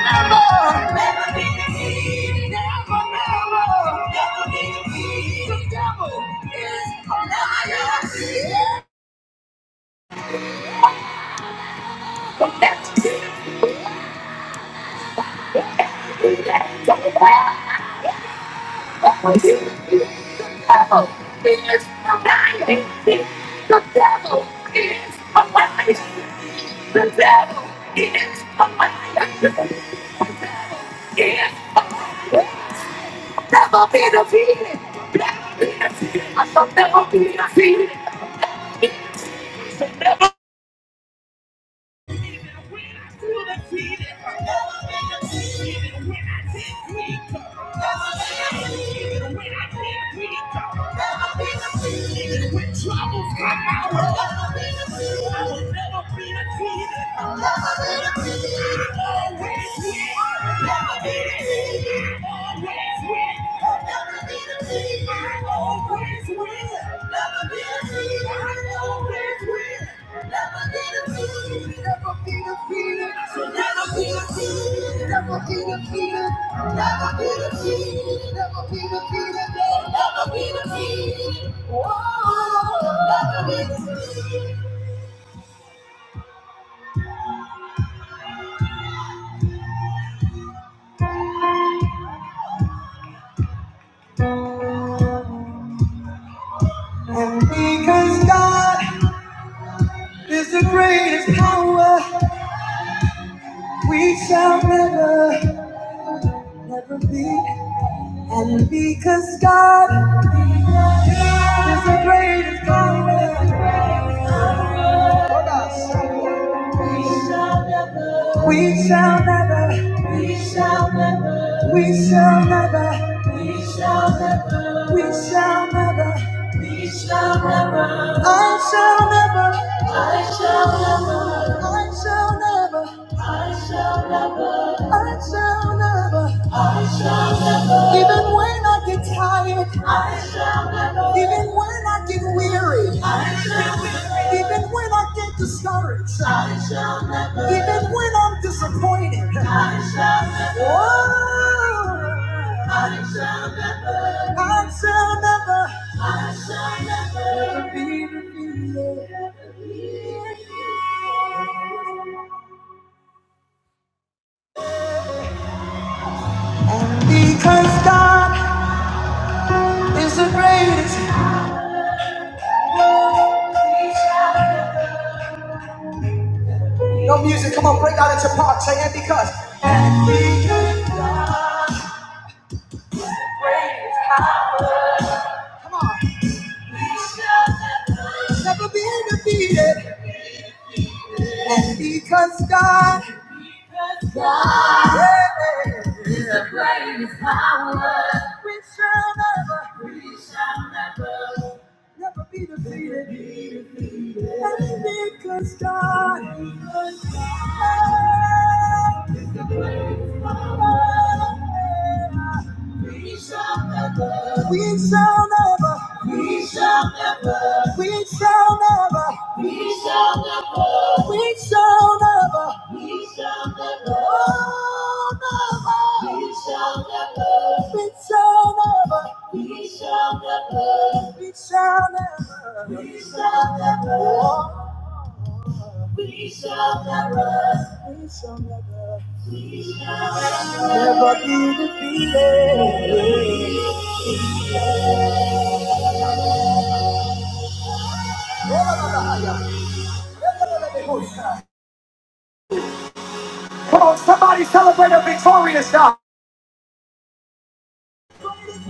Never be defeated. Never be defeated. I shall never be defeated. Even when I feel defeated, even when I get weaker, even when I get weaker, even when troubles come my way, I will never be defeated. I will always win. I will always win. I'll never be defeated. I always win. Never defeated. defeated. Never be defeated. So never be defeated. Never be defeated. Never be defeated. Never be defeated. Never be defeated. Never be defeated. And because God is the greatest power, we shall never, never be. And because God is the greatest compliment. Hold on. We shall never, we shall never, we shall never, I shall never, I shall never, I shall never. Even when I get tired, even when I get weary, even when I get discouraged, even when I'm disappointed. Whoa. I shall never, Because God is the greatest. No music, come on, break out into parts. Say, and because. And because God shall never been defeated. And because God. God. Yeah. Great is power. We shall never, we shall never, never be defeated. Be defeated. And because God, because God is the greatest power. We shall never, we, shall never, we shall never, we, shall never, oh, never, we shall never, we shall never. We shall never, we shall never, we shall never be there.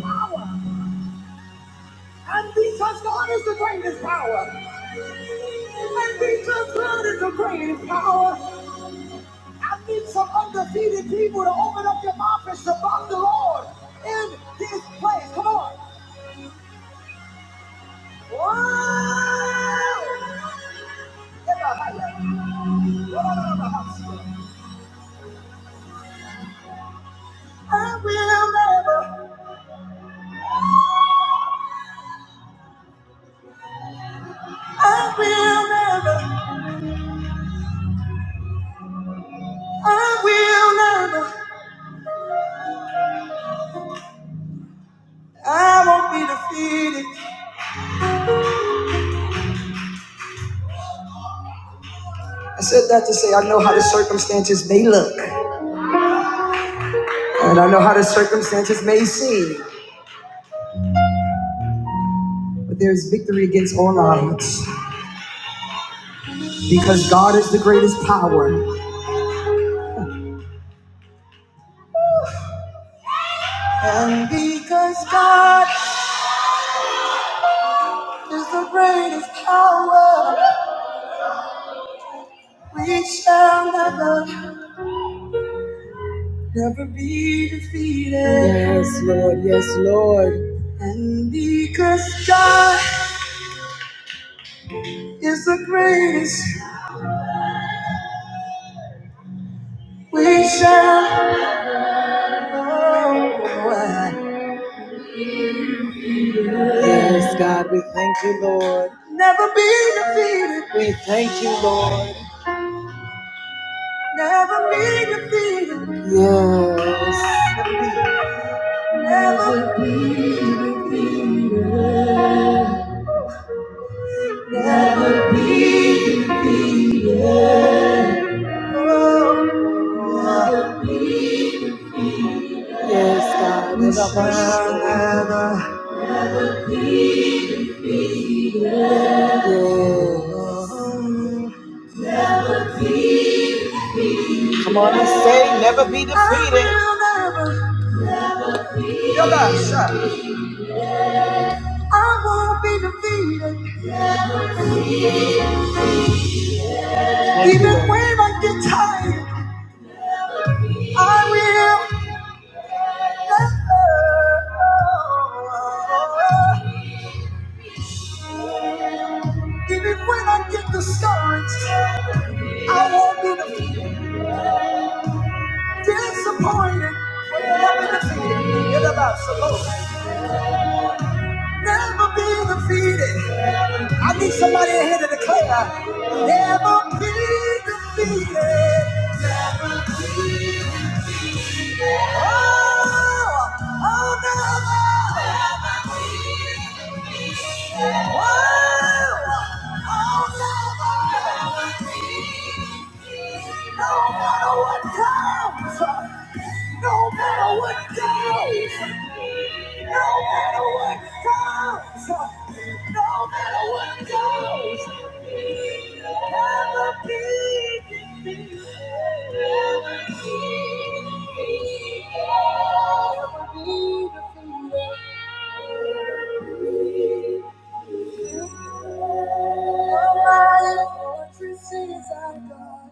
Power. And we just need power. I need some undefeated people to open up their mouth and shabbat the Lord in this place. Come on. Whoa! I will never, I will never, I will never, I won't be defeated. I said that to say I know how the circumstances may look, and I know how the circumstances may seem, but there's victory against all odds because God is the greatest power. And because God is the greatest power, we shall never, never be defeated. Yes, Lord, yes, Lord. And because God is the greatest, we shall. never. Yes, God, we thank you, Lord. Never be defeated. We thank you, Lord. Never be defeated. Yes. Never. oh. Yes, God. We shall never. Yes. Be Defeated. I will never. Yo, God, shut. I won't be defeated. Thank Even Lord. when I get tired, I will. never. Even when I get discouraged, disappointed, never be defeated. Need somebody in here to declare, never be defeated. Oh, oh, never. Never be defeated. Oh, oh, never. Never be defeated. No matter what comes. No matter what comes, no matter what comes, no matter what goes, have a big thing. All my fortresses are gone.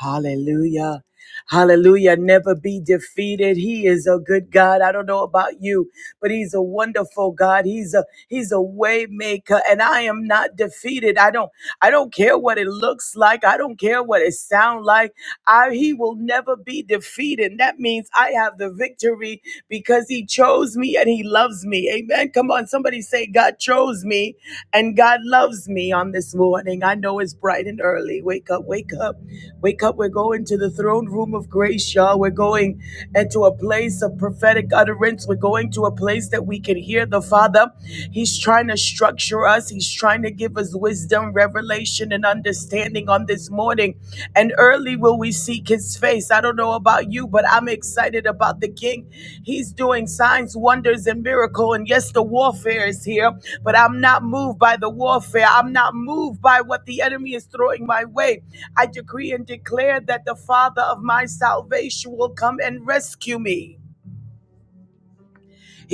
Hallelujah. Hallelujah. Never be defeated. He is a good God. I don't know about you, but he's a wonderful God. He's a he's a way maker. And I am not defeated. I don't I don't care what it looks like. I don't care what it sounds like. I he will never be defeated. That means I have the victory because he chose me and he loves me. Amen. Come on, somebody say God chose me and God loves me on this morning. I know it's bright and early. Wake up, wake up. Wake up, we're going to the throne room of grace, y'all. We're going into a place of prophetic utterance. We're going to a place that we can hear the Father. He's trying to structure us, He's trying to give us wisdom, revelation, and understanding on this morning. And early will we seek His face. I don't know about you, but I'm excited about the King. He's doing signs, wonders, and miracle. And yes, the warfare is here, but I'm not moved by the warfare. I'm not moved by what the enemy is throwing my way. I decree and declare that the Father of my salvation will come and rescue me.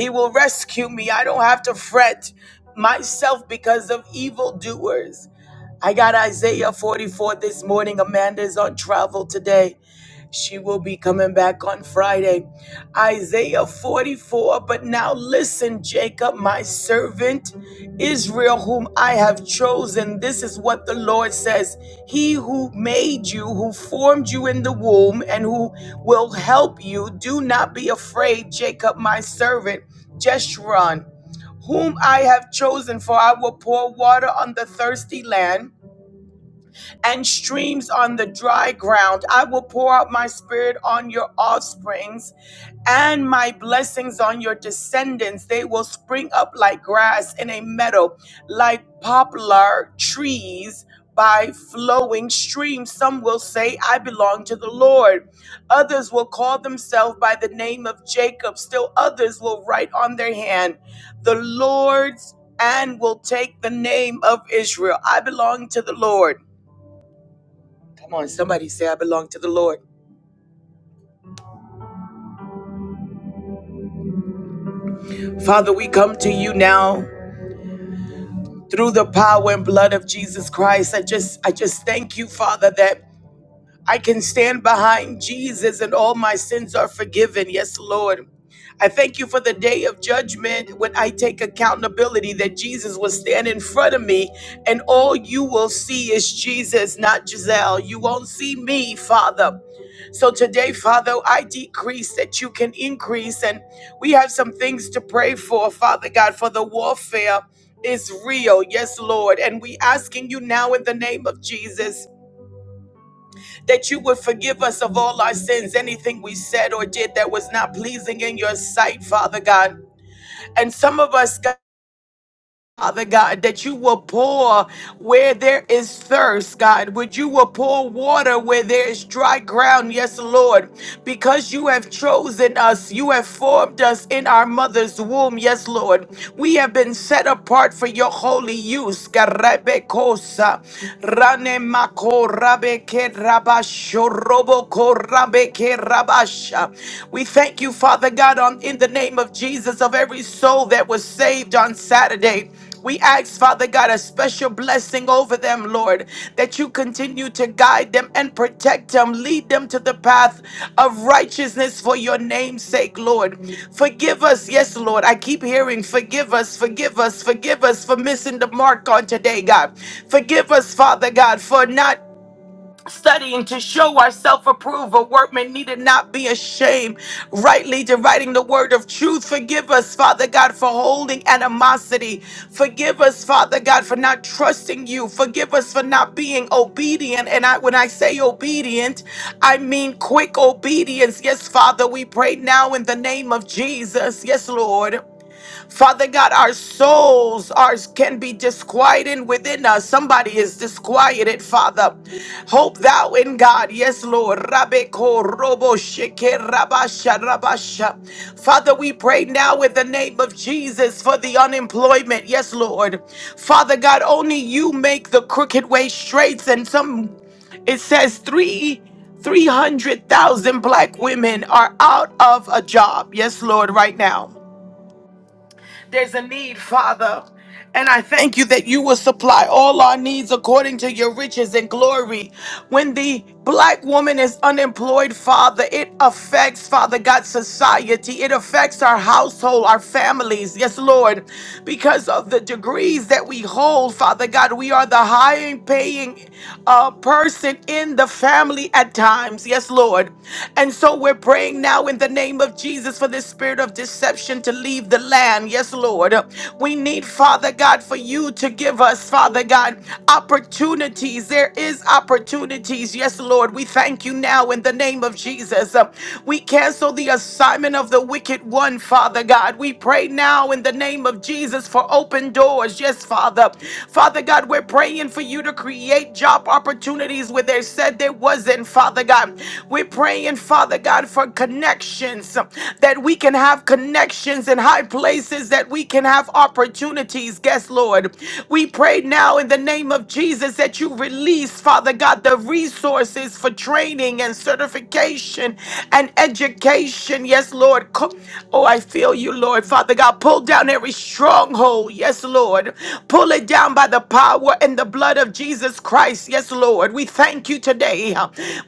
He will rescue me. I don't have to fret myself because of evildoers. I got Isaiah 44 this morning. Amanda's on travel today. She will be coming back on Friday. Isaiah 44. But now listen, Jacob, my servant, Israel, whom I have chosen. This is what the Lord says He who made you, who formed you in the womb, and who will help you, do not be afraid, Jacob, my servant. Just run whom I have chosen, for I will pour water on the thirsty land and streams on the dry ground. I will pour out my spirit on your offsprings and my blessings on your descendants. They will spring up like grass in a meadow, like poplar trees by flowing streams. Some will say, I belong to the Lord. Others will call themselves by the name of Jacob. Still others will write on their hand, the Lord's. And will take the name of Israel. I belong to the Lord. Come on, somebody say, I belong to the Lord. Father, we come to you now through the power and blood of Jesus Christ. I just I just thank you, Father, that I can stand behind Jesus and all my sins are forgiven. Yes, Lord. I thank you for the day of judgment when I take accountability that Jesus will stand in front of me and all you will see is Jesus, not Giselle. You won't see me, Father. So today, Father, I decrease that you can increase. And we have some things to pray for, Father God, for the warfare is real. Yes, Lord. And we asking you now in the name of Jesus that you would forgive us of all our sins, anything we said or did that was not pleasing in your sight, Father God. And some of us, God. Father God, that you will pour where there is thirst, God. Would you will pour water where there is dry ground, yes, Lord, because you have chosen us, you have formed us in our mother's womb, yes, Lord. We have been set apart for your holy use. Karabekosa, ranemako, rabeke, rabasho, roboko, rabeke, rabasha. We thank Thank you, Father God, on in the name of Jesus, of every soul that was saved on Saturday. We ask, Father God, a special blessing over them, Lord, that you continue to guide them and protect them, lead them to the path of righteousness for your name's sake, Lord. Forgive us, yes, Lord. I keep hearing, forgive us, forgive us, forgive us for missing the mark on today, God. Forgive us, Father God, for not studying to show ourselves approved, a workman needed not be ashamed, rightly dividing the word of truth. Forgive us, Father God, for holding animosity. Forgive us, Father God, for not trusting you. Forgive us for not being obedient. And I, when I say obedient, I mean quick obedience. Yes, Father, we pray now in the name of Jesus. Yes, Lord. Father God, our souls ours can be disquieted within us. Somebody is disquieted, Father. Hope thou in God. Yes, Lord. Rabbe ko robo sheke rabasha rabasha. Father, we pray now in the name of Jesus for the unemployment. Yes, Lord. Father God, only you make the crooked way straight. And some it says three 300,000 black women are out of a job. Yes, Lord, right now. There's a need, Father. And I thank you that you will supply all our needs according to your riches and glory. When the black woman is unemployed, Father, it affects, Father God, society. It affects our household, our families. Yes, Lord. Because of the degrees that we hold, Father God, we are the high paying uh, person in the family at times. Yes, Lord. And so we're praying now in in the name of Jesus for this spirit of deception to leave the land. Yes, Lord. We need, Father God, for you to give us, Father God, opportunities. There is opportunities. Yes, Lord. We thank you now in the name of Jesus. We cancel the assignment of the wicked one, Father God. We pray now in the name of Jesus for open doors. Yes, Father. Father God, we're praying for you to create job opportunities where they said that there wasn't, Father God. We're praying, Father God, for connections, that we can have connections in high places, that we can have opportunities. Yes, Lord. We pray now in the name of Jesus that you release, Father God, the resources for training and certification and education. Yes, Lord. Co- Oh, I feel you, Lord. Father God, pull down every stronghold. Yes, Lord. Pull it down by the power and the blood of Jesus Christ. Yes, Lord. We thank you today.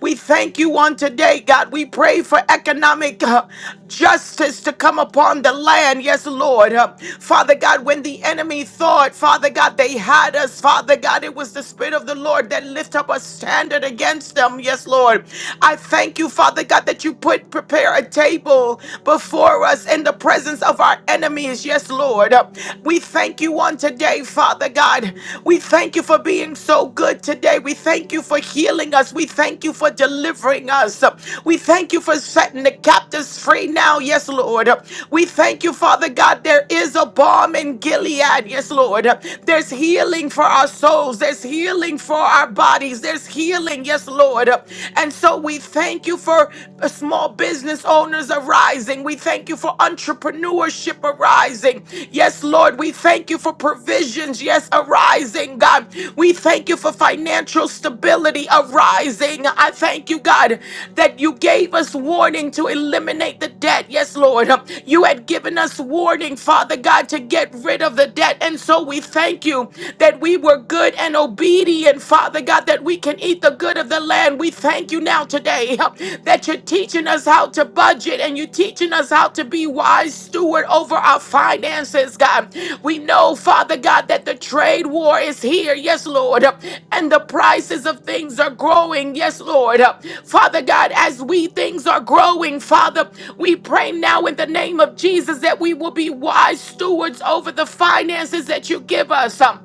We thank you on today, God. We pray for economic uh, justice to come upon the land. Yes, Lord. Uh, Father God, when the enemy thought, Father God, they had us, Father God, it was the Spirit of the Lord that lift up a standard against them. Yes, Lord. I thank you, Father God, that you put prepare a table before us in the presence of our enemy is. Yes, Lord. Uh, We thank you on today, Father God. We thank you for being so good today. We thank you for healing us. We thank you for delivering us. Uh, We thank you for setting the captives free now. Yes, Lord. Uh, We thank you, Father God. There is a balm in Gilead. Yes, Lord. Uh, There's healing for our souls. There's healing for our bodies. There's healing. Yes, Lord. Uh, And so we thank you for small business business owners arising. We thank you for entrepreneurship arising. Yes, Lord, we thank you for provisions. Yes, arising, God. We thank you for financial stability arising. I thank you, God, that you gave us warning to eliminate the debt. Yes, Lord. You had given us warning, Father God, to get rid of the debt. And so we thank you that we were good and obedient, Father God, that we can eat the good good of the land. We thank you now today uh, that you're teaching us how to budget and you're teaching us how to be wise steward over our finances, God. We know, Father God, that the trade war is here. Yes, Lord. uh, And the prices of things are growing. Yes, Lord. Uh, Father God, as we things are growing, Father, we pray now in the name of Jesus that we will be wise stewards over the finances that you give us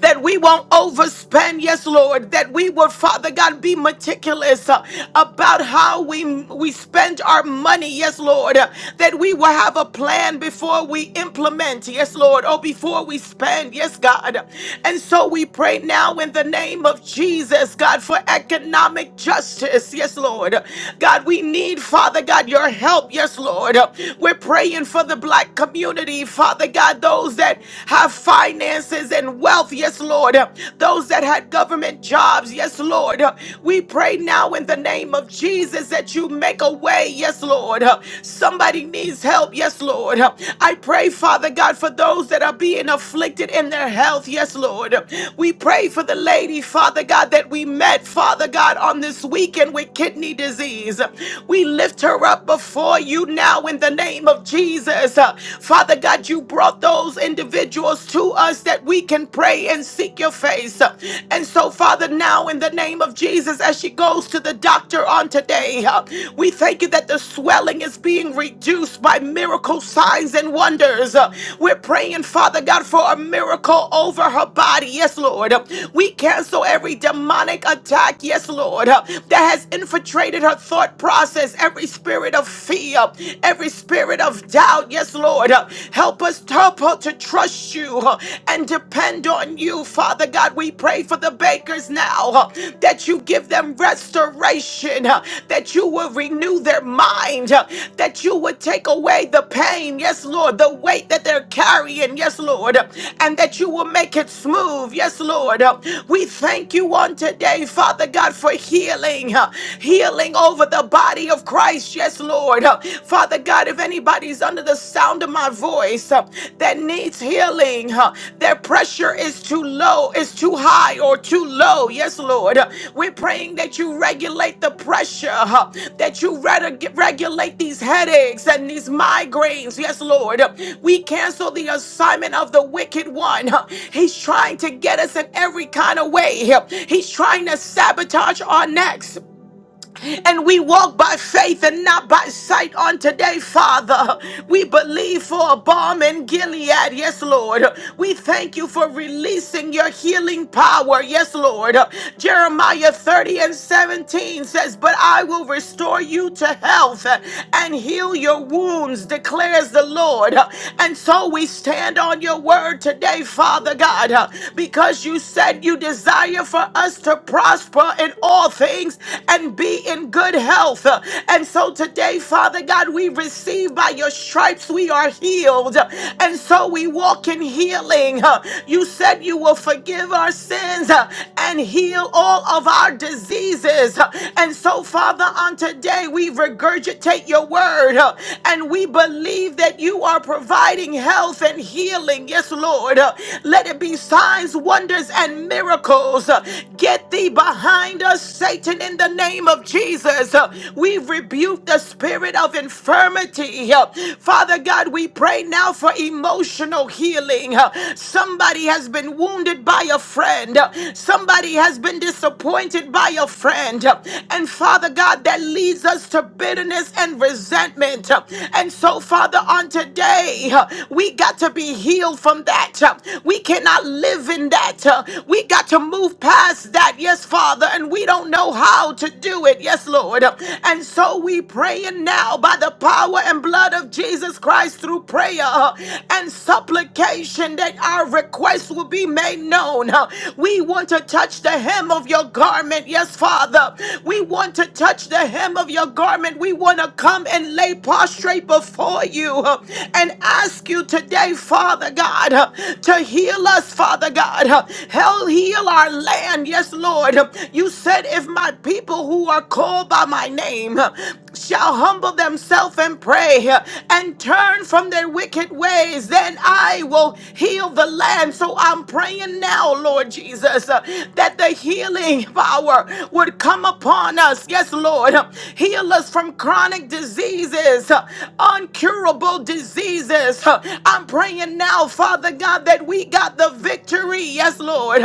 that we won't overspend, yes, Lord, that we will, Father God, be meticulous uh, about how we, we spend our money, yes, Lord, uh, that we will have a plan before we implement, yes, Lord, or before we spend, yes, God. And so we pray now in the name of Jesus, God, for economic justice, yes, Lord. God, we need, Father God, your help, yes, Lord. We're praying for the black community, Father God, those that have finances and wealth, yes, Lord. Those that had government jobs, yes, Lord. We pray now in the name of Jesus that you make a way, yes, Lord. Somebody needs help, yes, Lord. I pray, Father God, for those that are being afflicted in their health, yes, Lord. We pray for the lady, Father God, that we met, Father God, on this weekend with kidney disease. We lift her up before you now in the name of Jesus. Father God, you brought those individuals to us that we can pray and seek your face. And so, Father, now in the name of Jesus, as she goes to the doctor on today, uh, we thank you that the swelling is being reduced by miracle signs and wonders. Uh, We're praying, Father God, for a miracle over her body. Yes, Lord. Uh, We cancel every demonic attack. Yes, Lord. uh, That has infiltrated her thought process, every spirit of fear, every spirit of doubt. Yes, Lord. Uh, Help us, help us to trust you uh, and depend on you, Father God. We pray for the bakers now uh, that you give them restoration, uh, that you will renew their mind, uh, that you would take away the pain. Yes, Lord, the weight that they're carrying. Yes, Lord, uh, and that you will make it smooth. Yes, Lord. Uh, We thank you on today, Father God, for healing, uh, healing over the body of of Christ. Yes, Lord. Uh, Father God, if anybody's under the sound of my voice uh, that needs healing, uh, their pressure is too low, is too high, or too low. Yes, Lord. Uh, We're praying that you regulate the pressure, uh, that you reg- regulate these headaches and these migraines. Yes, Lord. Uh, We cancel the assignment of the wicked one. Uh, He's trying to get us in every kind of way. Uh, He's trying to sabotage our necks. And we walk by faith and not by sight on today, Father. We believe for a balm in Gilead. Yes, Lord. We thank you for releasing your healing power. Yes, Lord. Jeremiah 30 and 17 says, But I will restore you to health and heal your wounds, declares the Lord. And so we stand on your word today, Father God, because you said you desire for us to prosper in all things and be in good health. And so today, Father God, we receive by your stripes we are healed. And so we walk in healing. You said you will forgive our sins uh, and heal all of our diseases. And so, Father, on today we regurgitate your word uh, and we believe that you are providing health and healing. Yes, Lord. Uh, Let it be signs, wonders, and miracles. Uh, Get thee behind us, Satan, in the name of Jesus. Uh, We rebuke the spirit of infirmity. Uh, Father God, we pray now for emotional healing. Uh, Somebody has been wounded by a friend, Uh, somebody has been disappointed by a friend. Uh, And Father God, that leads us to bitterness and resentment. Uh, And so, Father, on today, uh, we got to be healed from that. Uh, We cannot live in that. Uh, We got to move past that. Yes, Father. Father, and we don't know how to do it. Yes, Lord. And so we pray and now by the power and blood of Jesus Christ through prayer uh, and supplication that our requests will be made known. Uh, We want to touch the hem of your garment. Yes, Father. We want to touch the hem of your garment. We want to come and lay prostrate before you uh, and ask you today, Father God, uh, to heal us, Father God. Uh, Hell, heal our land. yes. Yes, Lord. You said, if my people who are called by my name shall humble themselves and pray and turn from their wicked ways, then I will heal the land. So I'm praying now, Lord Jesus, uh, that the healing power would come upon us. Yes, Lord. Heal us from chronic diseases, uh, uncurable diseases. Uh, I'm praying now, Father God, that we got the victory. Yes, Lord.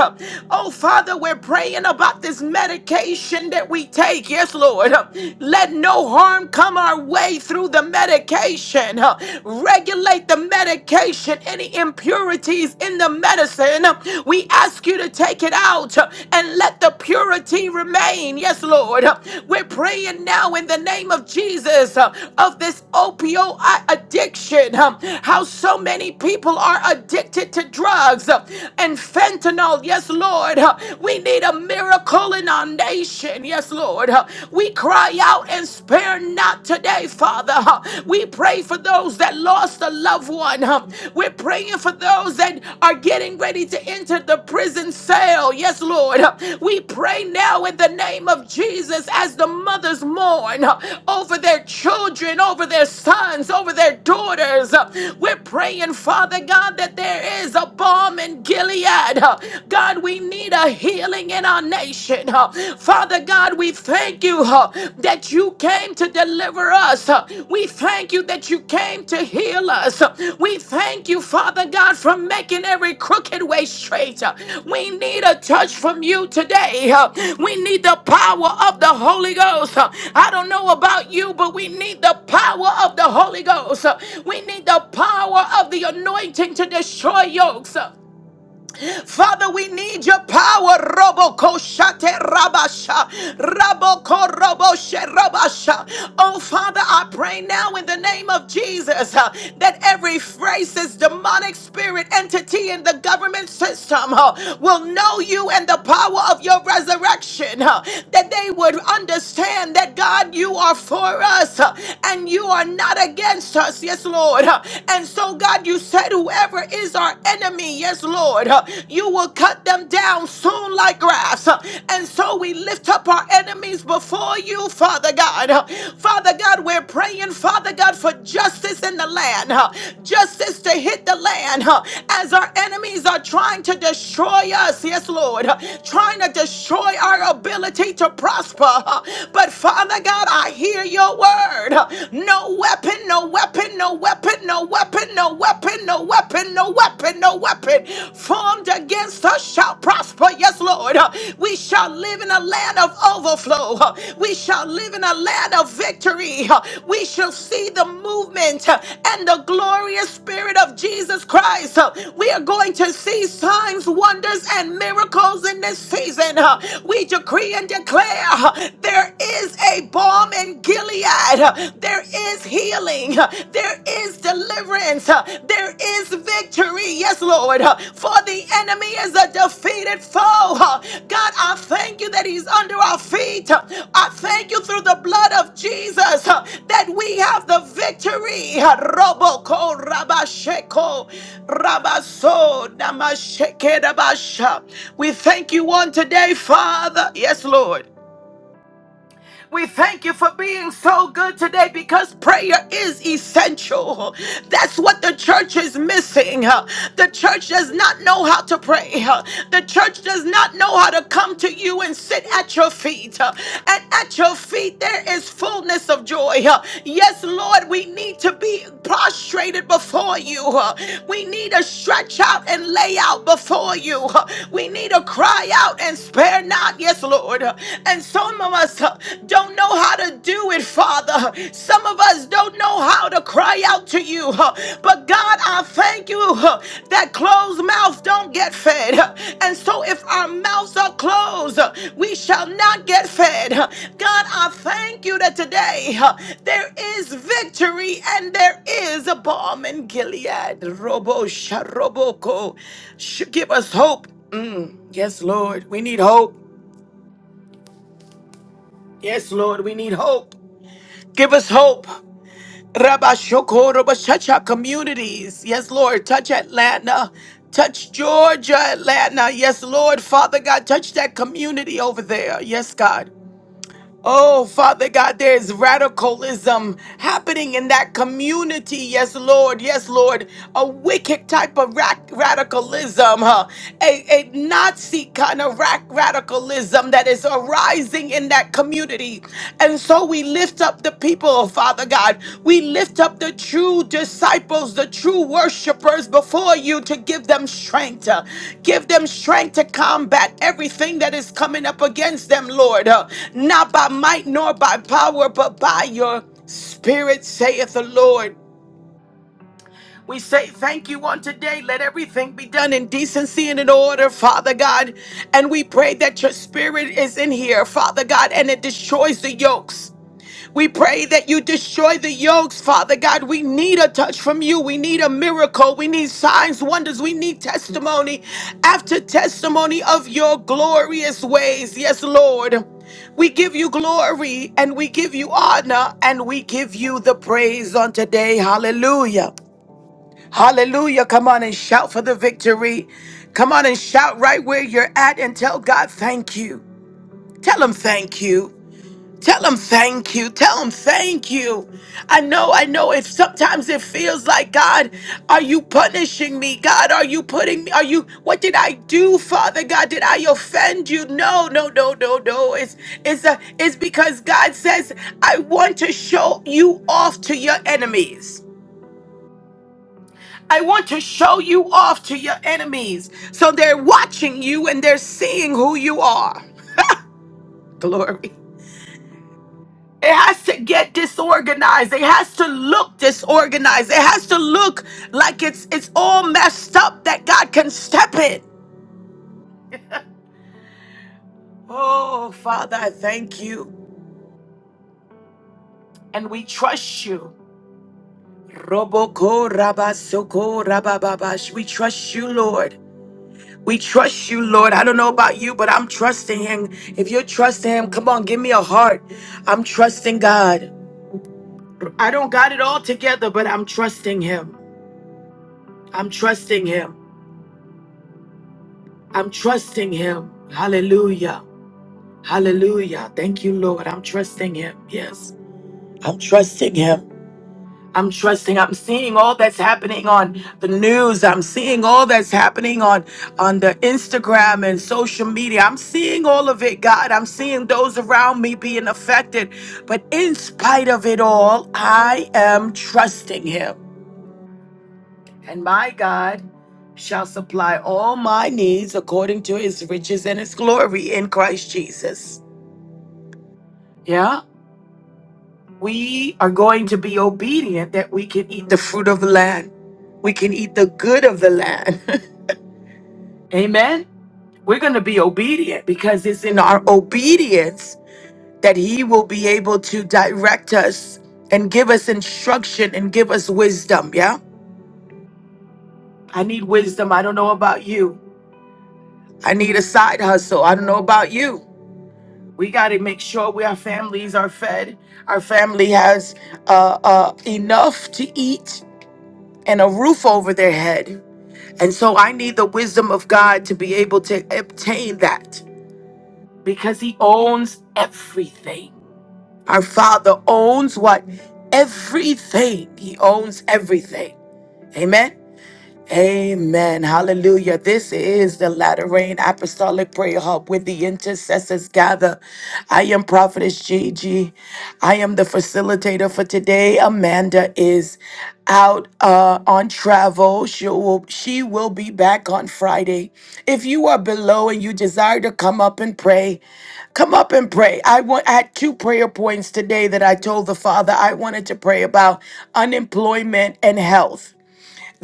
Oh, Oh, Father, we're praying about this medication that we take. Yes, Lord. Let no harm come our way through the medication. Regulate the medication, any impurities in the medicine. We ask you to take it out and let the purity remain. Yes, Lord. We're praying now in the name of Jesus uh, of this opioid addiction. Um, How so many people are addicted to drugs uh, and fentanyl world. Yes, Lord. Uh, We need a miracle in our nation. Yes, Lord. Uh, We cry out and spare not today, Father. Uh, We pray for those that lost a loved one. Uh, We're praying for those that are getting ready to enter the prison cell. Yes, Lord. Uh, We pray now in the name of Jesus as the mothers mourn uh, over their children, over their sons, over their daughters. Uh, We're praying, Father God, that there is a balm in Gilead. Gilead. Uh, God, we need a healing in our nation. Uh, Father God, we thank you uh, that you came to deliver us. Uh, We thank you that you came to heal us. Uh, We thank you, Father God, for making every crooked way straight. Uh, We need a touch from you today. Uh, We need the power of the Holy Ghost. Uh, I don't know about you, but we need the power of the Holy Ghost. Uh, We need the power of the anointing to destroy yokes. Father, we need your power. Roboko shate rabasha. Raboko roboshe rabasha. Oh, Father, I pray now in the name of Jesus uh, that every racist, demonic spirit, entity in the government system uh, will know you and the power of your resurrection. uh, that they would understand that, God, you are for us uh, and you are not against us. Yes, Lord. Uh, and so, God, you said, whoever is our enemy, yes, Lord, uh, you will cut them down soon like grass. Uh, And so we lift up our enemies before you, Father God. Uh, Father God, we're praying, Father God, for justice in the land, uh, justice to hit the land uh, as our enemies are trying to destroy us, yes, Lord, uh, trying to destroy our ability to prosper. uh, But Father God, I hear your word. Uh, No weapon, no weapon weapon, no weapon, no weapon, no weapon, no weapon, no weapon, no weapon formed against us shall prosper. Yes, Lord. Uh, We shall live in a land of overflow. Uh, We shall live in a land of victory. Uh, We shall see the movement uh, and the glorious spirit of Jesus Christ. Uh, We are going to see signs, wonders, and miracles in this season. Uh, We decree and declare uh, there is a bomb in Gilead. Gilead. Uh, There is healing. Uh, There is deliverance. Uh, There is victory. Yes, Lord. Uh, For the enemy is a defeated foe. Uh, God, I thank you that he's under our feet. Uh, I thank you through the blood of Jesus uh, that we have the victory. Uh, Roboko Rabasheko Rabaso Namasheke Rabasha. We thank you on today, Father. Yes, Lord. We thank you for being so good today because prayer is essential. That's what the church is missing. The church does not know how to pray. The church does not know how to come to you and sit at your feet. And at your feet, there is fullness of joy. Yes, Lord, we need to be prostrated before you. We need to stretch out and lay out before you. We need to cry out and spare not. Yes, Lord. And some of us uh, don't know how to do it, Father. Some of us don't know how to cry out to you. uh, But God, I thank you uh, that closed mouths don't get fed. uh, And so if our mouths are closed, uh, we shall not get fed. uh, God, I thank you that today uh, there is victory and there is a balm in Gilead. Robo Sharoboko. Sh- Give us hope. Mm, yes, Lord. We need hope. Yes, Lord, we need hope. Give us hope. Rabashoko, Rabashacha communities. Yes, Lord, touch Atlanta. Touch Georgia, Atlanta. Yes, Lord, Father God, touch that community over there. Yes, God. Oh, Father God, there is radicalism happening in that community. Yes, Lord. Yes, Lord. A wicked type of ra- radicalism, huh? a, a Nazi kind of ra- radicalism that is arising in that community. And so we lift up the people people, Father God. We lift up the true disciples, the true worshipers before you to give them strength. uh, Give them strength to combat everything that is coming up against them, Lord. uh, Not by might nor by power, but by your spirit, saith the Lord. We say thank you on today. Let everything be done in decency and in order, Father God. And we pray that your spirit is in here, Father God, and it destroys the yokes. We pray that you destroy the yokes, Father God. We need a touch from you. We need a miracle. We need signs, wonders. We need testimony after testimony of your glorious ways. Yes, Lord. We give you glory and we give you honor and we give you the praise on today. Hallelujah. Hallelujah. Come on and shout for the victory. Come on and shout right where you're at and tell God thank you. Tell him thank you. Tell him thank you. Tell him thank you. I know, I know. If sometimes it feels like God, are you punishing me? God, are you putting me? Are you what did I do, Father God? Did I offend you? No, no, no, no, no. It's it's a it's because God says, I want to show you off to your enemies. I want to show you off to your enemies. So they're watching you and they're seeing who you are. Glory. It has to get disorganized. It has to look disorganized. It has to look like it's it's all messed up that God can step in. Oh, Father, I thank you. And we trust you. Roboko rabasoko rabababash. We trust you, Lord. We trust you, Lord. I don't know about you, but I'm trusting him. If you're trusting him, come on, give me a heart. I'm trusting God. I don't got it all together, but I'm trusting him. I'm trusting him. I'm trusting him. Hallelujah. Hallelujah. Thank you, Lord. I'm trusting him. Yes. I'm trusting him. I'm trusting. I'm seeing all that's happening on the news. I'm seeing all that's happening on on the Instagram and social media. I'm seeing all of it, God. I'm seeing those around me being affected. But in spite of it all, I am trusting him. And my God shall supply all my needs according to his riches and his glory in Christ Jesus. Yeah, we are going to be obedient that we can eat the fruit of the land, we can eat the good of the land. Amen. We're going to be obedient because it's in our obedience that he will be able to direct us and give us instruction and give us wisdom. Yeah. I need wisdom. I don't know about you. I need a side hustle. I don't know about you. We got to make sure we, our families are fed. Our family has uh, uh, enough to eat and a roof over their head. And so I need the wisdom of God to be able to obtain that because He owns everything. Our Father owns what? Everything. He owns everything. Amen. Amen. Hallelujah. This is the latter rain apostolic prayer hub with the intercessors gather. I am prophetess Gigi. I am the facilitator for today. Amanda is out uh, on travel. She will, she will be back on Friday. If you are below and you desire to come up and pray, come up and pray. I want I had two prayer points today that I told the Father I wanted to pray about unemployment and health.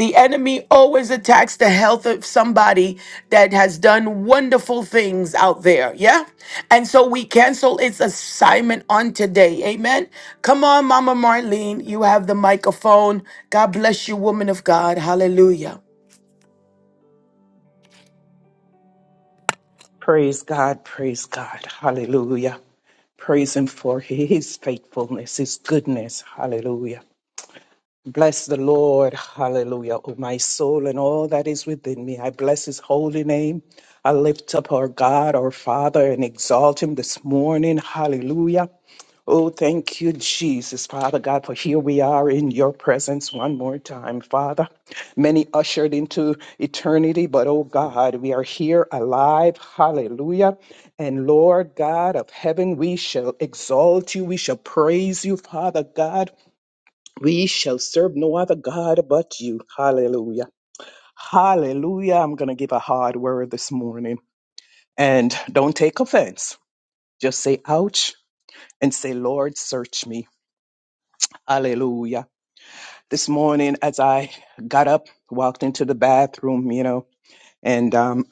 The enemy always attacks the health of somebody that has done wonderful things out there. Yeah. And so we cancel its assignment on today. Amen. Come on, Mama Marlene. You have the microphone. God bless you, woman of God. Hallelujah. Praise God, praise God, hallelujah. Praise Him for His faithfulness, His goodness, hallelujah. Bless the Lord, hallelujah, O my soul and all that is within me. I bless His holy name. I lift up our God, our Father, and exalt Him this morning, hallelujah. Oh, thank you, Jesus, Father God, for here we are in your presence one more time, Father. Many ushered into eternity, but oh God, we are here alive. Hallelujah. And Lord God of heaven, we shall exalt you. We shall praise you, Father God. We shall serve no other God but you. Hallelujah. Hallelujah. I'm going to give a hard word this morning. And don't take offense. Just say, ouch, and say, Lord, search me. Hallelujah. this morning as I got up, walked into the bathroom, you know, and um,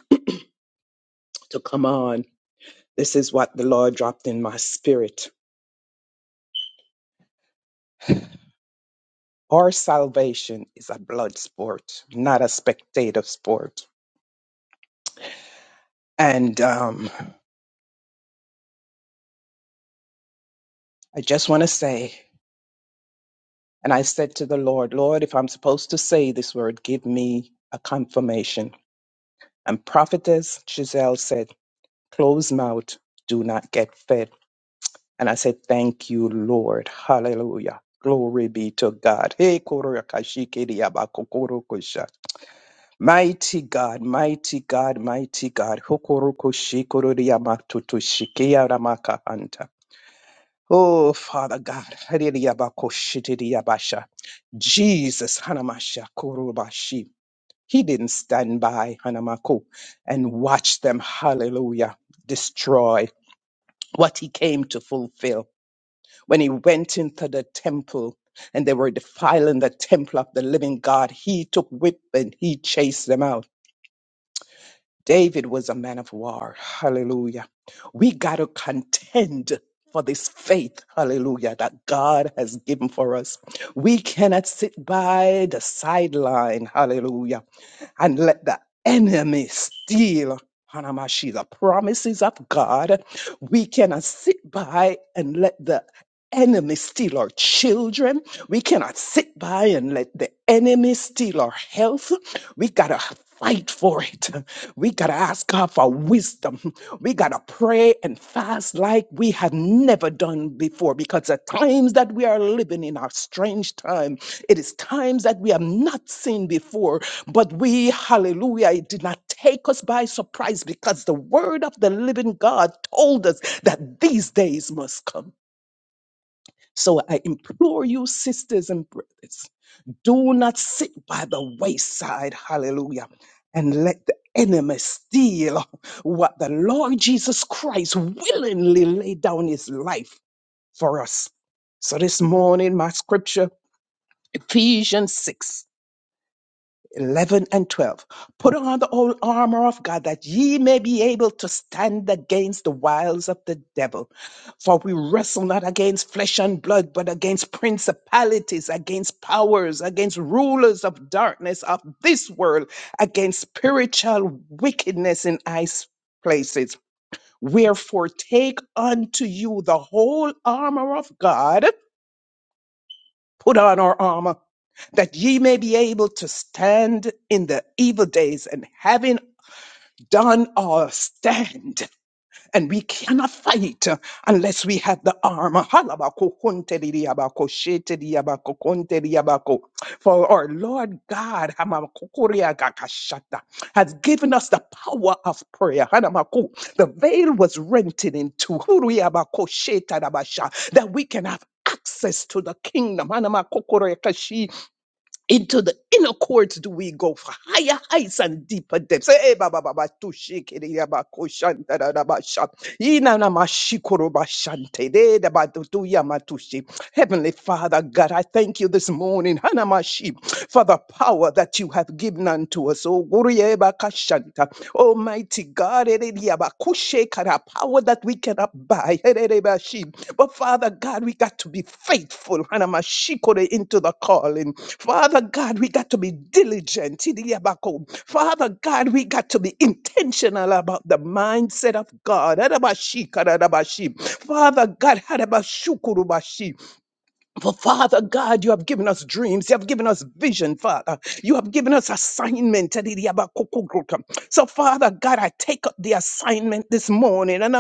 to come on, this is what the Lord dropped in my spirit. Our salvation is a blood sport, not a spectator sport. And um, I just want to say, and I said to the Lord, Lord, if I'm supposed to say this word, give me a confirmation. And prophetess Giselle said, close mouth, do not get fed. And I said, Thank you, Lord. Hallelujah. Glory be to God. Hey, korokashikiriabakokorokosha. Mighty God, mighty God, mighty God. Hokorokoshikoriamatotoshikearamakaanta. Oh, Father God. Hallelujah. Jesus, Hanamasha Korobashi. He didn't stand by Hanamako and watch them, hallelujah, destroy what he came to fulfill when he went into the temple and they were defiling the temple of the living God, he took whip and he chased them out. David was a man of war. Hallelujah. We got to contend for this faith, hallelujah, that God has given for us. We cannot sit by the sideline, hallelujah, and let the enemy steal. Hanamashi, the promises of God. We cannot sit by and let the enemy steal our children. We cannot sit by and let the enemy steal our health. We got to fight for it. We got to ask God for wisdom. We got to pray and fast like we have never done before because the times that we are living in are strange time. It is times that we have not seen before, but we, hallelujah, it did not take us by surprise because the word of the living God told us that these days must come. So I implore you, sisters and brothers, do not sit by the wayside, hallelujah, and let the enemy steal what the Lord Jesus Christ willingly laid down his life for us. So this morning, my scripture, Ephesians 6, 11 and 12. Put on the whole armor of God that ye may be able to stand against the wiles of the devil. For we wrestle not against flesh and blood, but against principalities, against powers, against rulers of darkness of this world, against spiritual wickedness in high places. Wherefore, take unto you the whole armor of God. Put on our armor that ye may be able to stand in the evil days and having done our stand. And we cannot fight uh, unless we have the armor. Halabakukunteriabakosheteriabakukunteriabako. For our Lord God hamakukuriagakashata, has given us the power of prayer. Hanamaku. The veil was rented in two. Huriabakoshetarabasha, That we can have access to the kingdom. Hanamakokorekashi, into the inner courts do we go for higher heights and deeper depths. Eh, ba, ba, ba, ba, tu, shi, ki, di, ya, ba, ko, shan, da, da, da, ba, sha. Yi, na, na, ma, shi, ko, ro, ba, shan, te, de, da, ba, tu, tu, ya, ma, tu, shi. Heavenly Father, God, I thank you this morning, Hana, ma, shi, for the power that you have given unto us. Oh, guru, ye, ba, ka, shan, ta. Almighty God, eh, di, ya, ba, ku, she, ka, ra, power that we cannot buy. But Father God, we got to be faithful Hanamashikore, into the calling. Father God, we got to be diligent. Tidiyabako. Father God, we got to be intentional about the mindset of God. Hanamashikarabashi. Father God, Hanamashikurubashi. For Father God, you have given us dreams. You have given us vision, Father. You have given us assignment. Tedidiabakukugruka. So, Father God, I take up the assignment this morning. and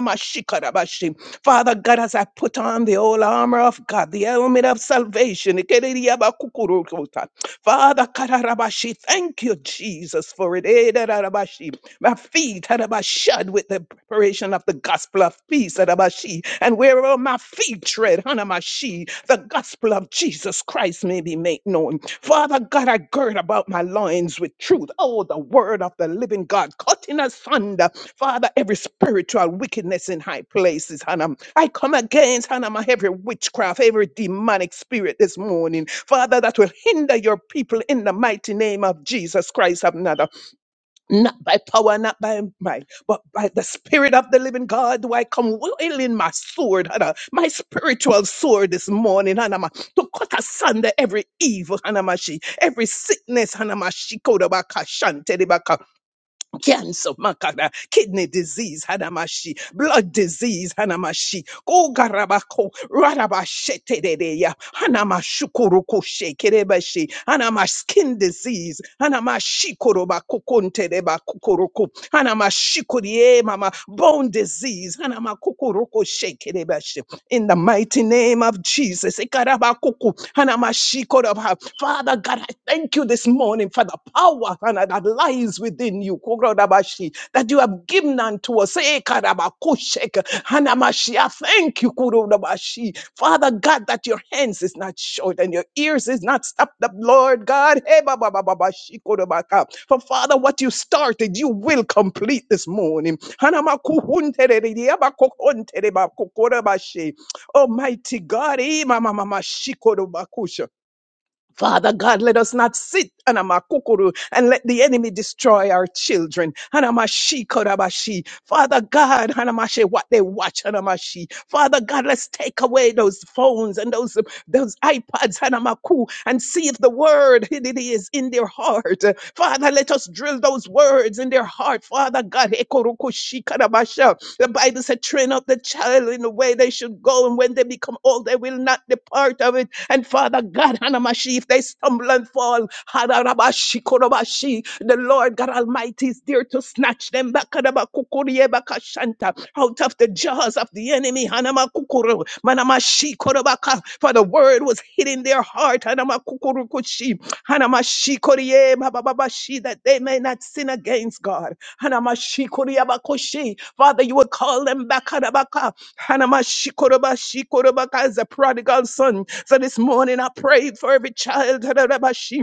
Father God, as I put on the whole armor of God, the helmet of salvation. Ikedidiabakukurukuta. Father, kadarabashi, thank you, Jesus, for it. Edarabashi. My feet. Shod with the preparation of the gospel of peace. Adabashi. And wherever my feet tread, Hanamashi, the gospel of Jesus Christ may be made known. Father God, I gird about my loins with truth. Oh, the word of the living God, cutting asunder, Father, every spiritual wickedness in high places, Hannah. I come against, Hannah, my every witchcraft, every demonic spirit this morning, Father, that will hinder your people in the mighty name of Jesus Christ of Nazareth not by power, not by might, but by the Spirit of the living God do I come wielding my sword, Hannah, my spiritual sword this morning, Hanama, to cut asunder every evil, Hanamashi, every sickness, Hanamashi, cancer, makada, kidney disease, hanamashi, blood disease, hanamashi, kogarabako, radabashetedeya, hanamashukurukushe, kerebashi, hanamash skin disease, hanamashikoroba kukontedeba kukuruku, hanamashikurie mama, bone disease, hanamakukurukushe, kerebashi. In the mighty name of Jesus, ikarabakuku, hanamashikoroba. Father God, I thank you this morning for the power and that lies within you, Kurodabashi, that you have given unto us. Eh, Karabakushek, Hanamashi. I Thank you, Kurodabashi. Father God, that your hands is not short and your ears is not stopped up, Lord God. Eh, ba, ba, ba, ba, ba, shi, Kurodabaka. For Father, what you started, you will complete this morning. Hanamakuhuntereri, Yabakuhuntere, Bakukorabashi. Almighty God, eh, ma, ma, ma, ma, shi, Korobakusha. Father God, let us not sit anamakukuru, and let the enemy destroy our children. Anamashi korabashi. Father God, anamashi, what they watch. anamashi. Father God, let's take away those phones and those, those iPads anamaku, and see if the word it is in their heart. Father, let us drill those words in their heart. Father God, ekorukushi karabasha. the Bible said, train up the child in the way they should go, and when they become old, they will not depart of it. And Father God, Hanamashi, if they stumble and fall, Hadarabashi, Korabashi, the Lord God Almighty is there to snatch them back Kadabakukuriye, Bakashanta, out of the jaws of the enemy. Hanamakukuru, Manamashi, Korobaka, For the word was hid in their heart. Hanamakukurukushi, Hanamashi, Koriye, bababashi That they may not sin against God. Hanamashi, Koriyabakushi. Father, you will call them back. Hadabaka, Hanamashikorobashi, korobaka is a prodigal son. So this morning I prayed for every child. Hanamashi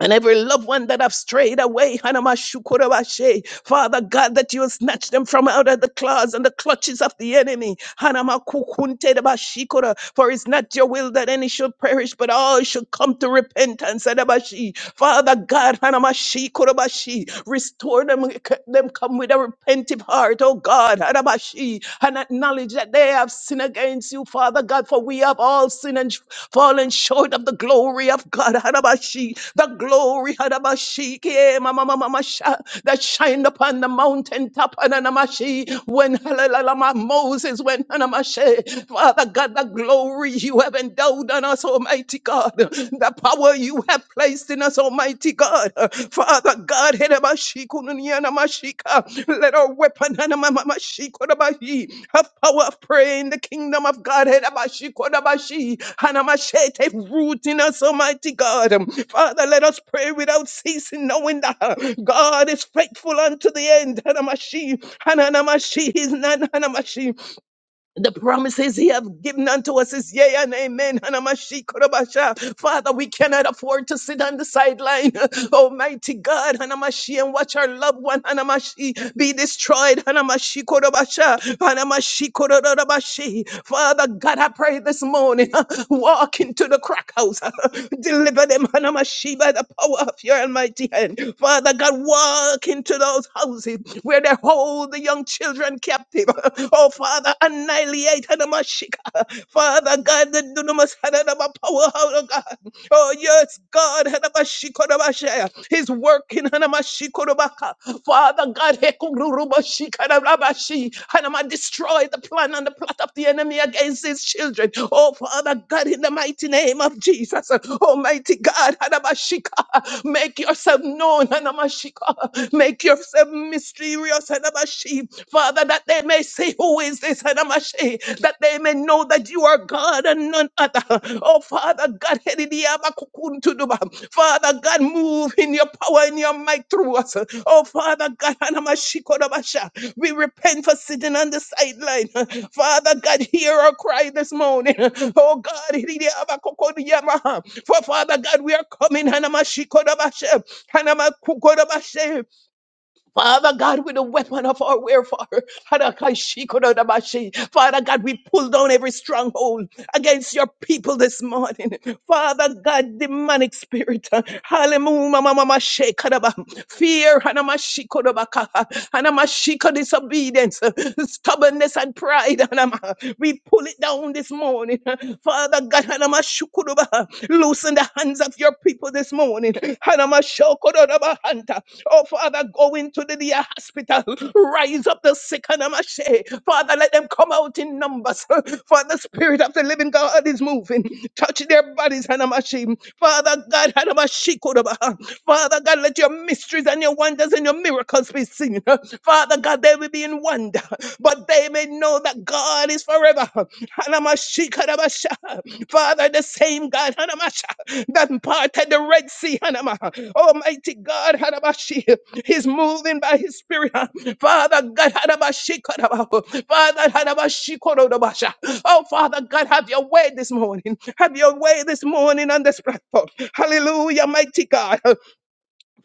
and every loved one that have strayed away, Hanamashukurabashe. Father God, that you will snatch them from out of the claws and the clutches of the enemy. Hanamakukuntedabashikura. For it's not your will that any should perish, but all should come to repentance. Adabashi. Father God, Hanamashikurabashi. restore them, them come with a repentive heart, oh God, Hanabashi. and acknowledge that they have sinned against you, Father God. God, for we have all sinned and fallen short of the glory of God. Hadabashi, the glory Hadabashi, ke ma- ma- ma- ma- ma- sha- that shined upon the mountaintop. Ananamashi, when halalalama, Moses, went. Anamashi, Father God, the glory you have endowed on us, Almighty God, the power you have placed in us, Almighty God. Father God, Hedabashikununyanamashika. let our weapon Hanamamamashikodabahi, have power of prayer in the kingdom of God. Hedabashikodabashi. Hanamashete, Root in us, Almighty God. Father, let us pray without ceasing, knowing that uh, God is faithful unto the end. Hanamashi, Hananamashi, He's not Hanamashi. The promises he have given unto us is yea and amen. Hanamashikorobashi. Father, we cannot afford to sit on the sideline. Almighty God, Hanamashi, and watch our loved one, Hanamashi, be destroyed. Hanamashikorobashi. Hanamashikorobashi. Father God, I pray this morning morning. Walk into the crack house. Deliver them, Hanamashi, by the power of your almighty hand. Father God, walk into those houses where they hold the young children captive. Oh, Father, annihilate Hanamashika. Father God, the dunamis, Hanama power, oh God. Oh, yes, God. Hanamashikoramashaya. His work in Father God, Hekururubashikarabashi. Hanama, destroy the plan and the plot of the enemy against his children. Oh, Father God, in the mighty name of Jesus. Almighty God, Hanamashika, make yourself known. Hanamashika, make yourself mysterious. Hanamashi. Father, that they may say, Who is this? that they may know that you are God and none other. Oh, Father God, hedidiabakukuntuduba. Father God, move in your power and your might through us. Oh, Father God, anamashikodabasha. we repent for sitting on the sideline. Father God, hear our cry this morning. Oh, God, hedidiabakukodiyama. for Father God, we are coming. hanamashikodabasha, hanamakukodabasha. Father God, with the weapon of our warfare, Hadakashikorodamashi. Father God, we pull down every stronghold against your people this morning. Father God, demonic spirit, uh, hallelujah, mama, mama, shekadaba. fear, hanamashikorodabaka. hanamashiko disobedience, uh, stubbornness and pride. hanama. We pull it down this morning. uh, Father God, hanamashikuroba. Loosen the hands of your people this morning. Hanamashokorodabahanta. Oh, Father, go into the dear hospital. Rise up the sick. Hanamashe. Father, let them come out in numbers. For the Spirit of the living God is moving. Touch their bodies. Hanamashi. Father God, Hanamashikodabaha. Father God, let your mysteries and your wonders and your miracles be seen. Father God, they will be in wonder but they may know that God is forever. Hanamashikadabasha. Father, the same God Hanamasha, that parted the Red Sea, Hanama. Almighty God, Hanamashi, He's moving by His Spirit. Father God, Hanamashikadaba. Father, Hanamashikorodobasha. Oh, Father God, have your way this morning. Have your way this morning on this platform. Hallelujah, mighty God.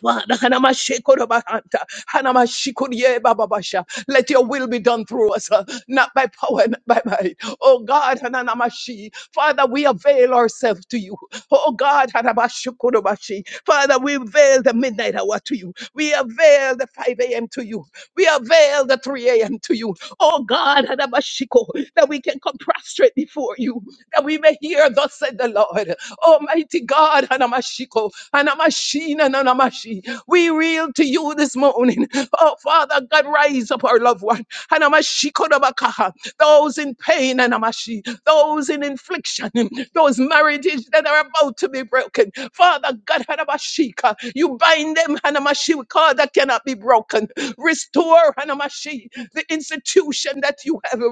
Father, Hanamashekorobahanta, Hanamashikoriebababasha. let your will be done through us, uh, not by power, not by might. Oh God, Hananamashi. Father, we avail ourselves to you. Oh God, Hanamashikorobashi. Father, we avail the midnight hour to you. We avail the 5 a.m. to you. We avail the 3 a.m. to you. Oh God, Hanamashiko, that we can come prostrate before you, that we may hear, thus said the Lord. Almighty God, Hanamashiko, Hanamashina, Nanamashi. We reel to you this morning. Oh, Father God, rise up our loved one. Hanamashiko Dabakaha. Those in pain, Hanamashi. Those in infliction. Those marriages that are about to be broken. Father God, Hanamashika. You bind them, Hanamashi, with cord that cannot be broken. Restore, Hanamashi, the institution that you have.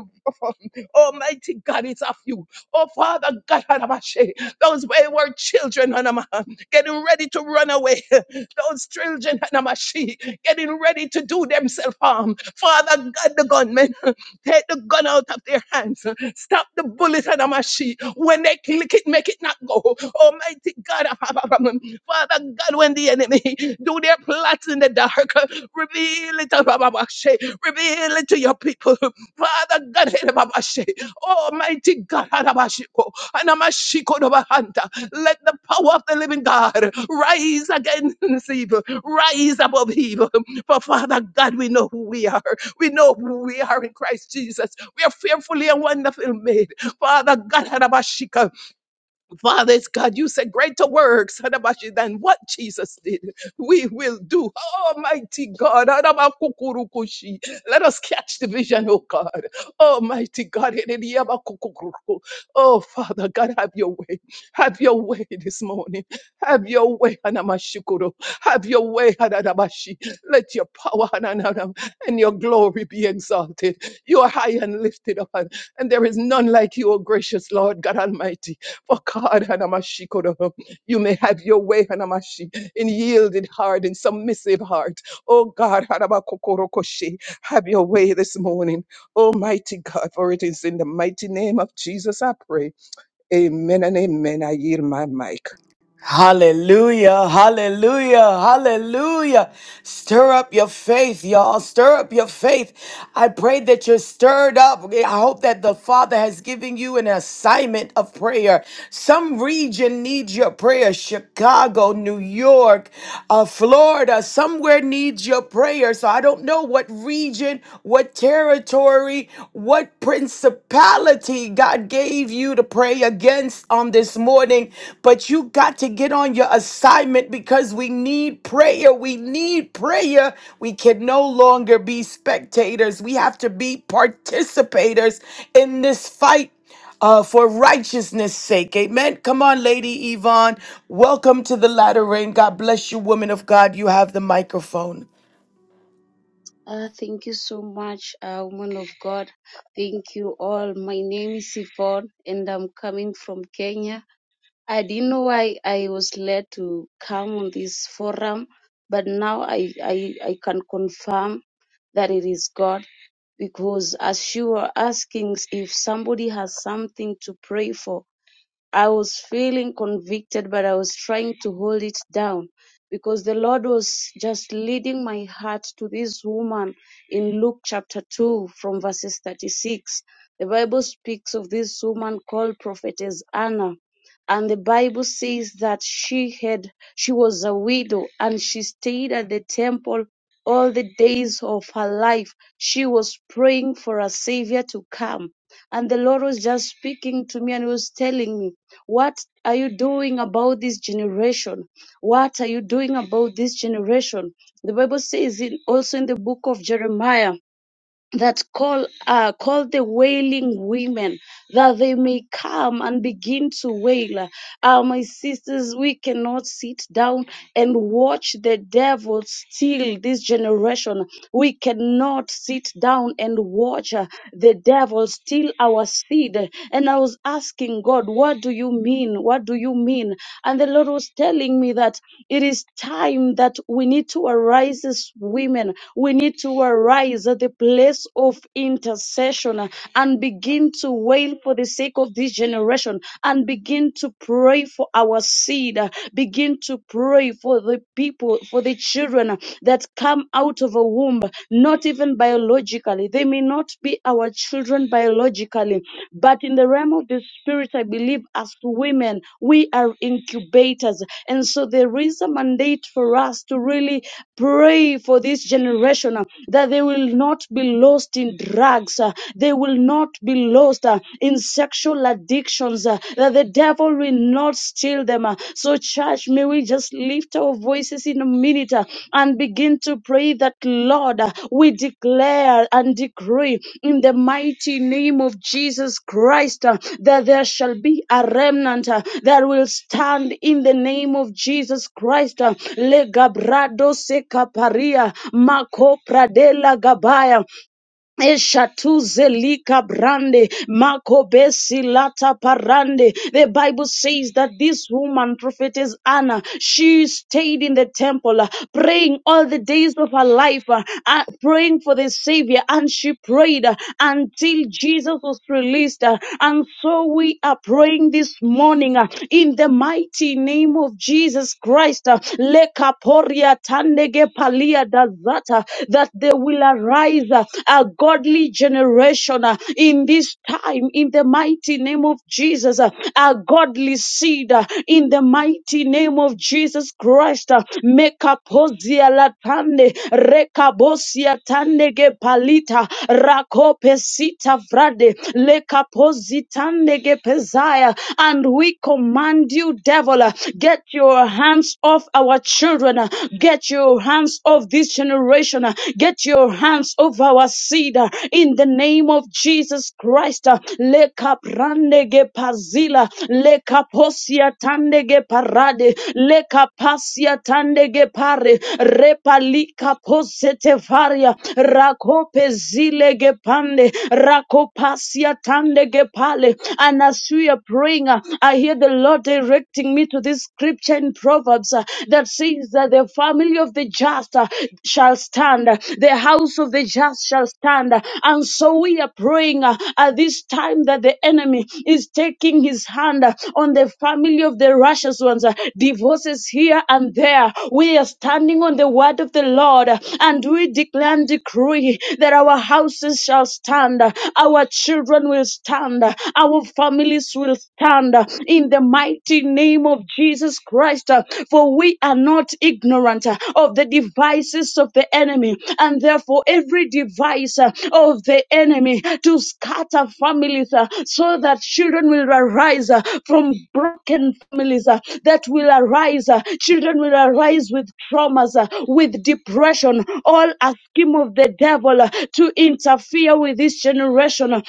Almighty God, it's of you. Oh, Father God, those wayward children, Hanama, getting ready to run away. Those children, Hanama, She, getting ready to do themselves harm. Father God, the gunmen, take the gun out of their hands. Stop the bullet, Hanama, She. When they click it, make it not go. Almighty God, Father God, when the enemy do their plots in the dark, reveal it, Hanamashi. reveal it to your people. Father God, Hanamashi. Almighty God, Arabashiko, Anamashiko Dobahanta, let the power of the living God rise against evil, rise above evil. For Father God, we know who we are. We know who we are in Christ Jesus. We are fearfully and wonderfully made. Father God, Arabashika, Father, it's God. You said greater works Adabashi, than what Jesus did. We will do. Almighty God. Adabakukurukushi. Let us catch the vision, oh God. Almighty God. Ediyabakukuruku. Oh Father, God, have your way. Have your way this morning. Have your way. Anamashukuru. Have your way. Adadabashi. Let your power Hananam, and your glory be exalted. You are high and lifted up. And there is none like you, O gracious Lord God Almighty. For God, Hanamashi Hanamashikodoho, you may have your way, Hanamashi, in yielded heart, in submissive heart. Oh God, Hanabakokorokoshi, have your way this morning. Almighty God, for it is in the mighty name of Jesus I pray. Amen and amen. I yield my mic. Hallelujah, hallelujah, hallelujah. Stir up your faith, y'all. Stir up your faith. I pray that you're stirred up. Okay, I hope that the Father has given you an assignment of prayer. Some region needs your prayer. Chicago, New York, uh, Florida, somewhere needs your prayer. So I don't know what region, what territory, what principality principality God gave you to pray against on this morning, but you got to get on your assignment because we need prayer. We need prayer. We can no longer be spectators. We have to be participators in this fight uh, for righteousness' sake. Amen. Come on, Lady Yvonne. Welcome to the latter rain. God bless you, woman of God. You have the microphone. Uh, thank you so much, uh, woman of God. Thank you all. My name is Yvonne and I'm coming from Kenya. I didn't know why I was led to come on this forum, but now I, I, I can confirm that it is God because as you were asking if somebody has something to pray for, I was feeling convicted, but I was trying to hold it down because the Lord was just leading my heart to this woman in Luke chapter 2 from verses 36. The Bible speaks of this woman called prophetess Anna. And the Bible says that she had, she was a widow and she stayed at the temple all the days of her life. She was praying for a savior to come and the Lord was just speaking to me and he was telling me, What are you doing about this generation? What are you doing about this generation? The Bible says in, also in the book of Jeremiah that's call uh, called the wailing women that they may come and begin to wail uh, my sisters we cannot sit down and watch the devil steal this generation we cannot sit down and watch uh, the devil steal our seed and i was asking god what do you mean what do you mean and the lord was telling me that it is time that we need to arise as women we need to arise at the place place of intercession uh, and begin to wail for the sake of this generation and begin to pray for our seed. uh, Begin to pray for the people, for the children uh, that come out of a womb, not even biologically. They may not be our children biologically, but in the realm of the spirit, I believe as women, we are incubators. And so there is a mandate for us to really pray for this generation uh, that they will not be be lost in drugs. uh, They will not be lost uh, in sexual addictions. uh, That the devil will not steal them. uh. So, church, may we just lift our voices in a minute uh, and begin to pray that, Lord, uh, we declare and decree in the mighty name of Jesus Christ uh, that there shall be a remnant uh, that will stand in the name of Jesus Christ. uh, Le gabrado se caparia, maco pradela gabaya. Eshatuzelika brande makobesi lata parande. The Bible says that this woman, prophetess Anna, she stayed in the temple uh, praying all the days of her life, uh, uh, praying for the Savior, and she prayed uh, until Jesus was released. uh, And so we are praying this morning uh, in the mighty name of Jesus Christ. uh, Lekaporia tandege palia dazata heart uh, that there will arise uh, a godly generation uh, in this time in the mighty name of Jesus, uh, a godly seed uh, in the mighty name of Jesus Christ. uh, Mekaposia latande, rekabosia tandege palita, rakopesita frade, lekapositandege pesaya, and we command you, devil, uh, get your hands off our children children. uh, Get your hands off this generation. uh, Get your hands off our seed uh, in the name of Jesus Christ. uh, Lekaprandege pazila, lekaposia tandege parade, lekapasia tandege pare, repalika posete varia, rakope zilege pande, rakopasia tandege pale. And as we are praying, uh, I hear the Lord directing me to this scripture in Proverbs uh, that says that the family of the just uh, shall stand, uh, the house of the just shall stand. uh, And so we are praying uh, at this time that the enemy is taking his hand uh, on the family of the righteous ones, uh, divorces here and there. We are standing on the word of the Lord uh, and we declare and decree that our houses shall stand, uh, our children will stand, uh, our families will will stand uh, in the mighty name of Jesus Christ. uh, For we are not ignorant uh, of the devices of the enemy, and therefore every device uh, of the enemy to scatter families uh, so that children will arise uh, from broken families uh, that will arise. uh, Children will arise with traumas, uh, with depression, all a scheme of the devil uh, to interfere with this generation.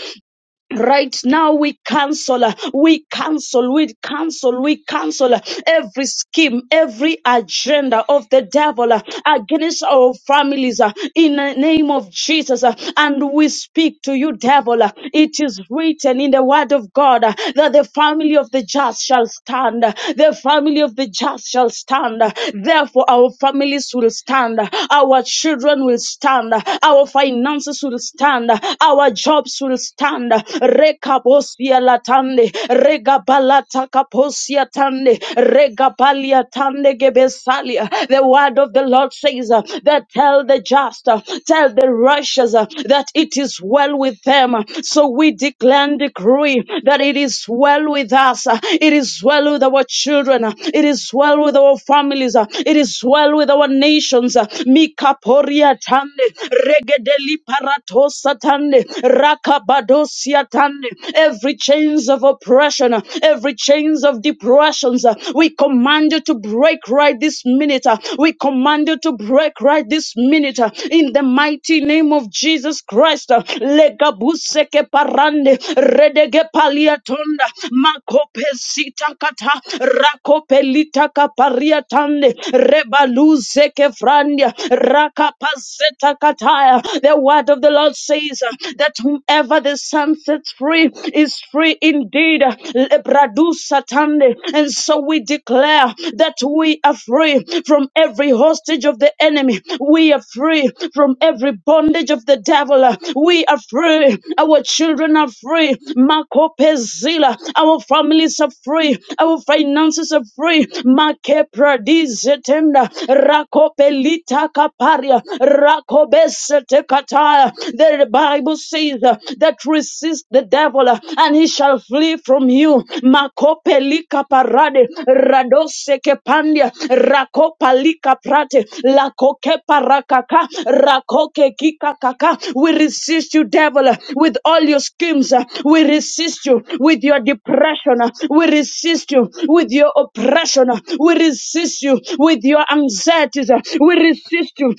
Right now, we cancel, uh, we cancel, we cancel, we cancel uh, every scheme, every agenda of the devil uh, against our families uh, in the name of Jesus. uh, And we speak to you, devil. uh, It is written in the word of God uh, that the family of the just shall stand, uh, the family of the just shall stand. uh, Therefore, our families will stand, uh, our children will stand, uh, our finances will stand, uh, our jobs gaps will stand. Rekabosia latande, regabalata kaposia tande, regabalia tande gebesalia. The word of the Lord says uh, that tell the just, uh, tell the righteous uh, that it is well with them. So we declare and decree that it is well with us. uh, It is well with our children. uh, It is well with our families. uh, It is well with our nations. uh, Mikaporia tande, regedeli paratos Katande, Rakabadosia Tande, every chains of oppression, uh, every chains of depressions, uh, we command you to break right this minute. uh, We command you to break right this minute uh, in the mighty name of Jesus Christ. uh, Legabuseke parande, redege paliatonda, makopesita kata, rakopelita kaparia tande, rebaluzeke frandia, rakapazeta kataya. The the word of the Lord says uh, that whomever the Son sets free is free indeed. Lebradu satande. And so we declare that we are free from every hostage of the enemy. We are free from every bondage of the devil. We are free. Our children are free. Makopezila. Our families are free. Our finances are free. Makepradizetenda. Rakopelita kaparia. Rako Obesetekataya. The Bible says uh, that resist the devil uh, and he shall flee from you. Makopelika parade, radoseke pandia, rakopalika prate, lakoke parakaka, rakoke kikakaka. We resist you, devil, uh, with all your schemes. uh, We resist you with your depression. uh, We resist you with your oppression. uh, We resist you with your anxieties. uh, We resist you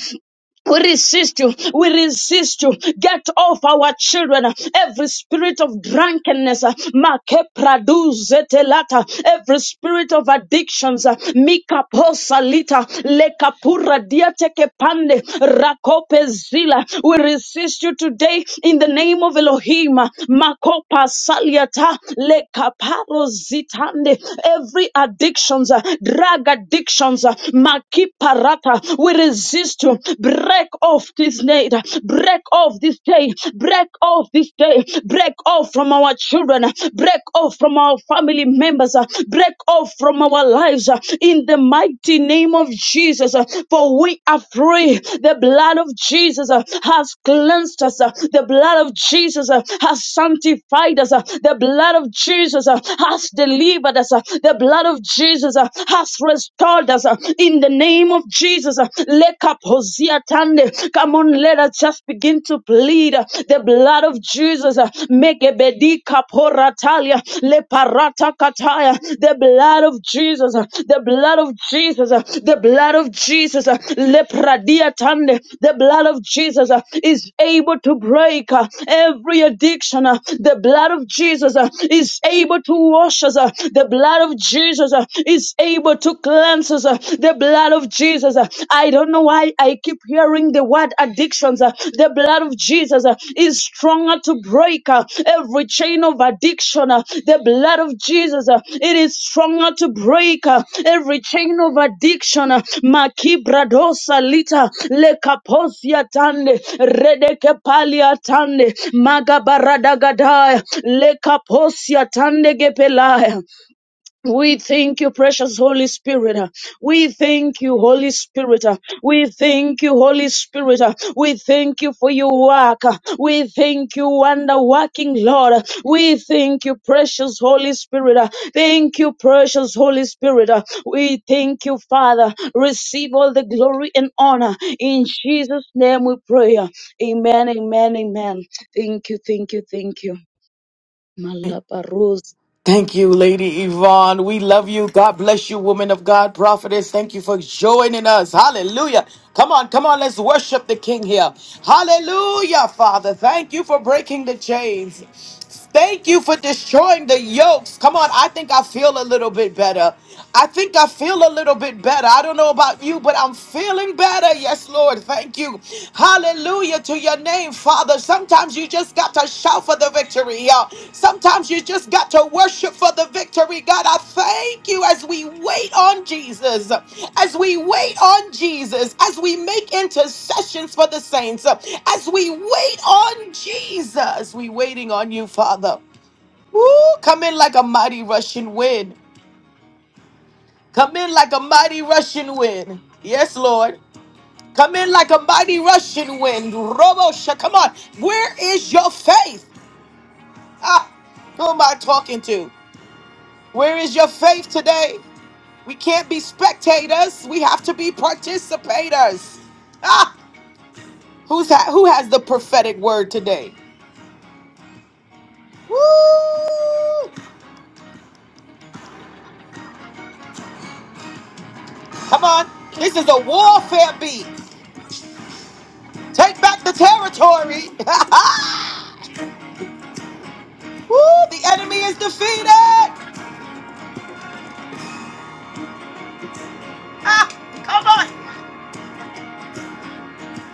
we resist you. We resist you. Get off our children. Every spirit of drunkenness, uh, make produce telata. Every spirit of addictions, uh, mika posalita, lekapura diateke pande, rakope zila. We resist you today in the name of Elohim. Makopa saliata, lekaparo zitande. Every addictions, uh, drug addictions, uh, makiparata, we resist you. Break off this night. Break off this day. Break off this day. Break off from our children. Break off from our family members. Break off from our lives. In the mighty name of Jesus. For we are free. The blood of Jesus has cleansed us. The blood of Jesus has sanctified us. The blood of Jesus has delivered us. The blood of Jesus has restored us. Jesus. uh, In the name of Jesus. uh, Lekaposia tande. Come on, let us just begin to plead uh, the blood of Jesus. uh, Megebedi kaporatalia. Leparata kataya. The blood of Jesus. uh, The blood of Jesus. uh, The blood of Jesus. uh, Lepradia tande. The blood of Jesus uh, is able to break uh, every addiction. uh, The blood of Jesus uh, is able to wash us. uh, The blood of Jesus uh, is able to cleanse us. uh, The blood of Jesus. uh, I don't know why I keep hearing the word addictions. uh, The blood of Jesus uh, is stronger to break uh, every chain of addiction. uh, The blood of Jesus, uh, it is stronger to break uh, every chain of addiction. uh, Makibradosa lita lekaposia tande redeke tande magabaradagadaya lekaposia tande gepelaya. We thank you, precious Holy Spirit. We thank you, Holy Spirit. We thank you, Holy Spirit. We thank you for your work. We thank you, wonder working Lord. We thank you, precious Holy Spirit. Thank you, precious Holy Spirit. We thank you, Father. Receive all the glory and honor. In Jesus' name we pray. Amen, amen, amen. Thank you, thank you, thank you. Malaparus. Thank you, Lady Yvonne. We love you. God bless you, woman of God, prophetess. Thank you for joining us. Hallelujah. Come on, come on. Let's worship the King here. Hallelujah, Father. Thank you for breaking the chains. Thank you for destroying the yokes. Come on, I think I feel a little bit better. I think I feel a little bit better. I don't know about you, but I'm feeling better. Yes, Lord. Thank you. Hallelujah to your name, Father. Sometimes you just got to shout for the victory. y'all. Sometimes you just got to worship for the victory. God, I thank you as we wait on Jesus, as we wait on Jesus, as we make intercessions for the saints, uh, as we wait on Jesus. We waiting on you, Father. Woo, come in like a mighty rushing wind. Come in like a mighty rushing wind. Yes, Lord. Come in like a mighty rushing wind. Robosha, come on. Where is your faith? Ah, who am I talking to? Where is your faith today? We can't be spectators. We have to be participators. Ah, who's ha- who has the prophetic word today? Woo! Come on. This is a warfare beat. Take back the territory. Woo! The enemy is defeated. Ah, come on.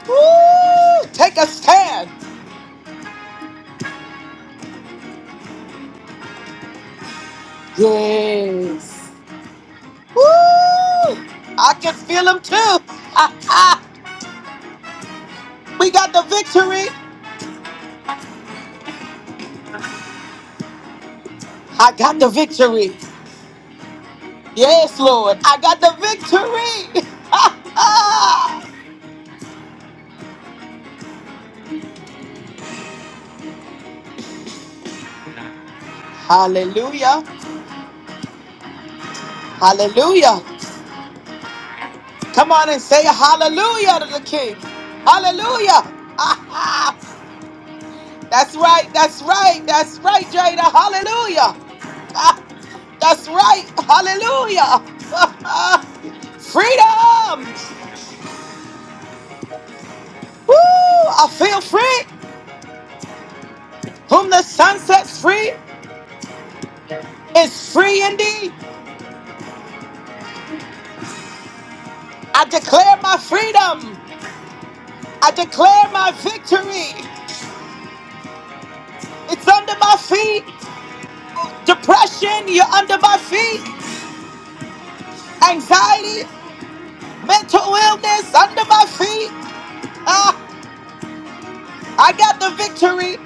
Woo! Take a stand. Yes. Woo! I can feel them too. Ah, ah. we got the victory. I got the victory. Yes, Lord. I got the victory. hallelujah. Hallelujah. Come on and say hallelujah to the King. Hallelujah. That's right. That's right. That's right, Jada. Hallelujah. Ah, That's right. Hallelujah. Freedom. Woo! I feel free. Whom the sun sets free is free indeed. I declare my freedom. I declare my victory. It's under my feet. Depression, you're under my feet. Anxiety, mental illness, under my feet. Ah, I got the victory.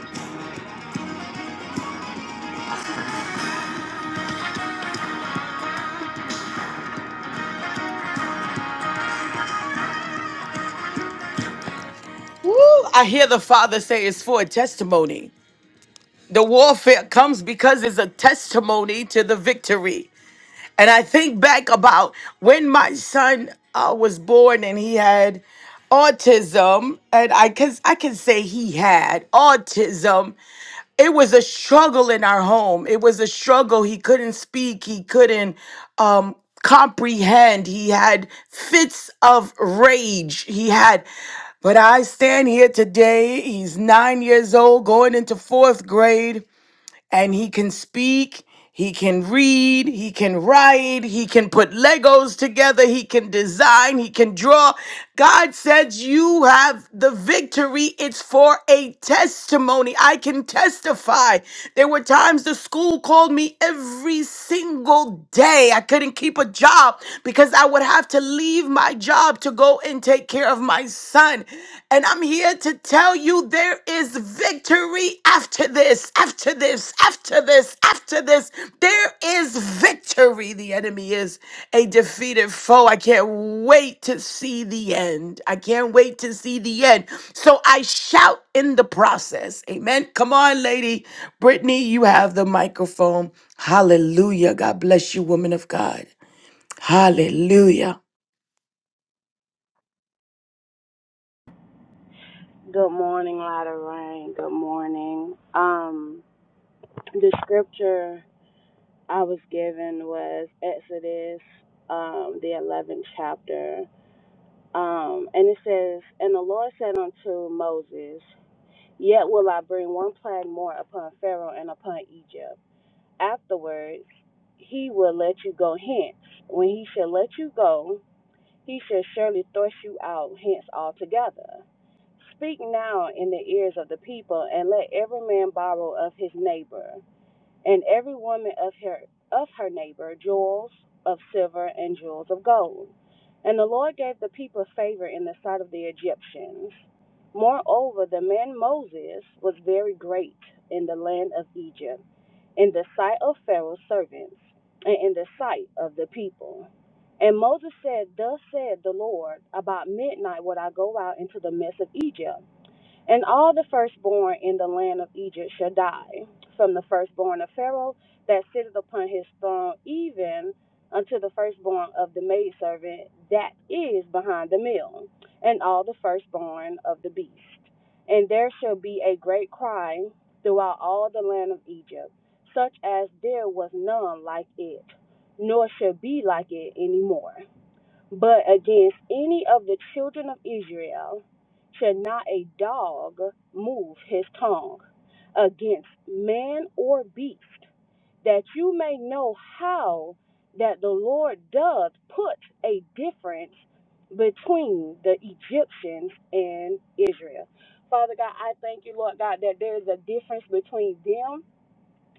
Woo! I hear the Father say it's for a testimony. The warfare comes because it's a testimony to the victory. And I think back about when my son uh, was born and he had autism, and I can I can say he had autism, it was a struggle in our home. It was a struggle. He couldn't speak. He couldn't um, comprehend. He had fits of rage. He had, but I stand here today. He's nine years old, going into fourth grade and he can speak, he can read, he can write, he can put Legos together, he can design, he can draw. God says, You have the victory. It's for a testimony. I can testify. There were times the school called me every single single day. I couldn't keep a job because I would have to leave my job to go and take care of my son. And I'm here to tell you there is victory after this, after this, after this, after this. There is victory. The enemy is a defeated foe. I can't wait to see the end. I can't wait to see the end. So I shout in the process. Amen. Come on, lady. Brittany, you have the microphone. Hallelujah. God bless you, woman of God. Good morning, Lotta Rain. Good morning. Um, the scripture I was given was Exodus, um, the eleventh chapter. Um, and it says, And the Lord said unto Moses, Yet will I bring one plague more upon Pharaoh and upon Egypt. Afterwards he will let you go hence. When he shall let you go, he shall surely thrust you out hence altogether. Speak now in the ears of the people, and let every man borrow of his neighbor and every woman of her of her neighbor jewels of silver and jewels of gold. And the Lord gave the people favor in the sight of the Egyptians. Moreover, the man Moses was very great in the land of Egypt, in the sight of Pharaoh's servants, and in the sight of the people. And Moses said, Thus said the Lord, About midnight would I go out into the midst of Egypt and all the firstborn in the land of Egypt shall die, from the firstborn of Pharaoh that sitteth upon his throne, even unto the firstborn of the maidservant that is behind the mill, and all the firstborn of the beast. And there shall be a great cry throughout all the land of Egypt, such as there was none like it, nor shall be like it any more. But against any of the children of Israel shall not a dog move his tongue against man or beast, that you may know how that the Lord doth put a difference between the Egyptians and Israel. Father God, I thank you, Lord God, that there is a difference between them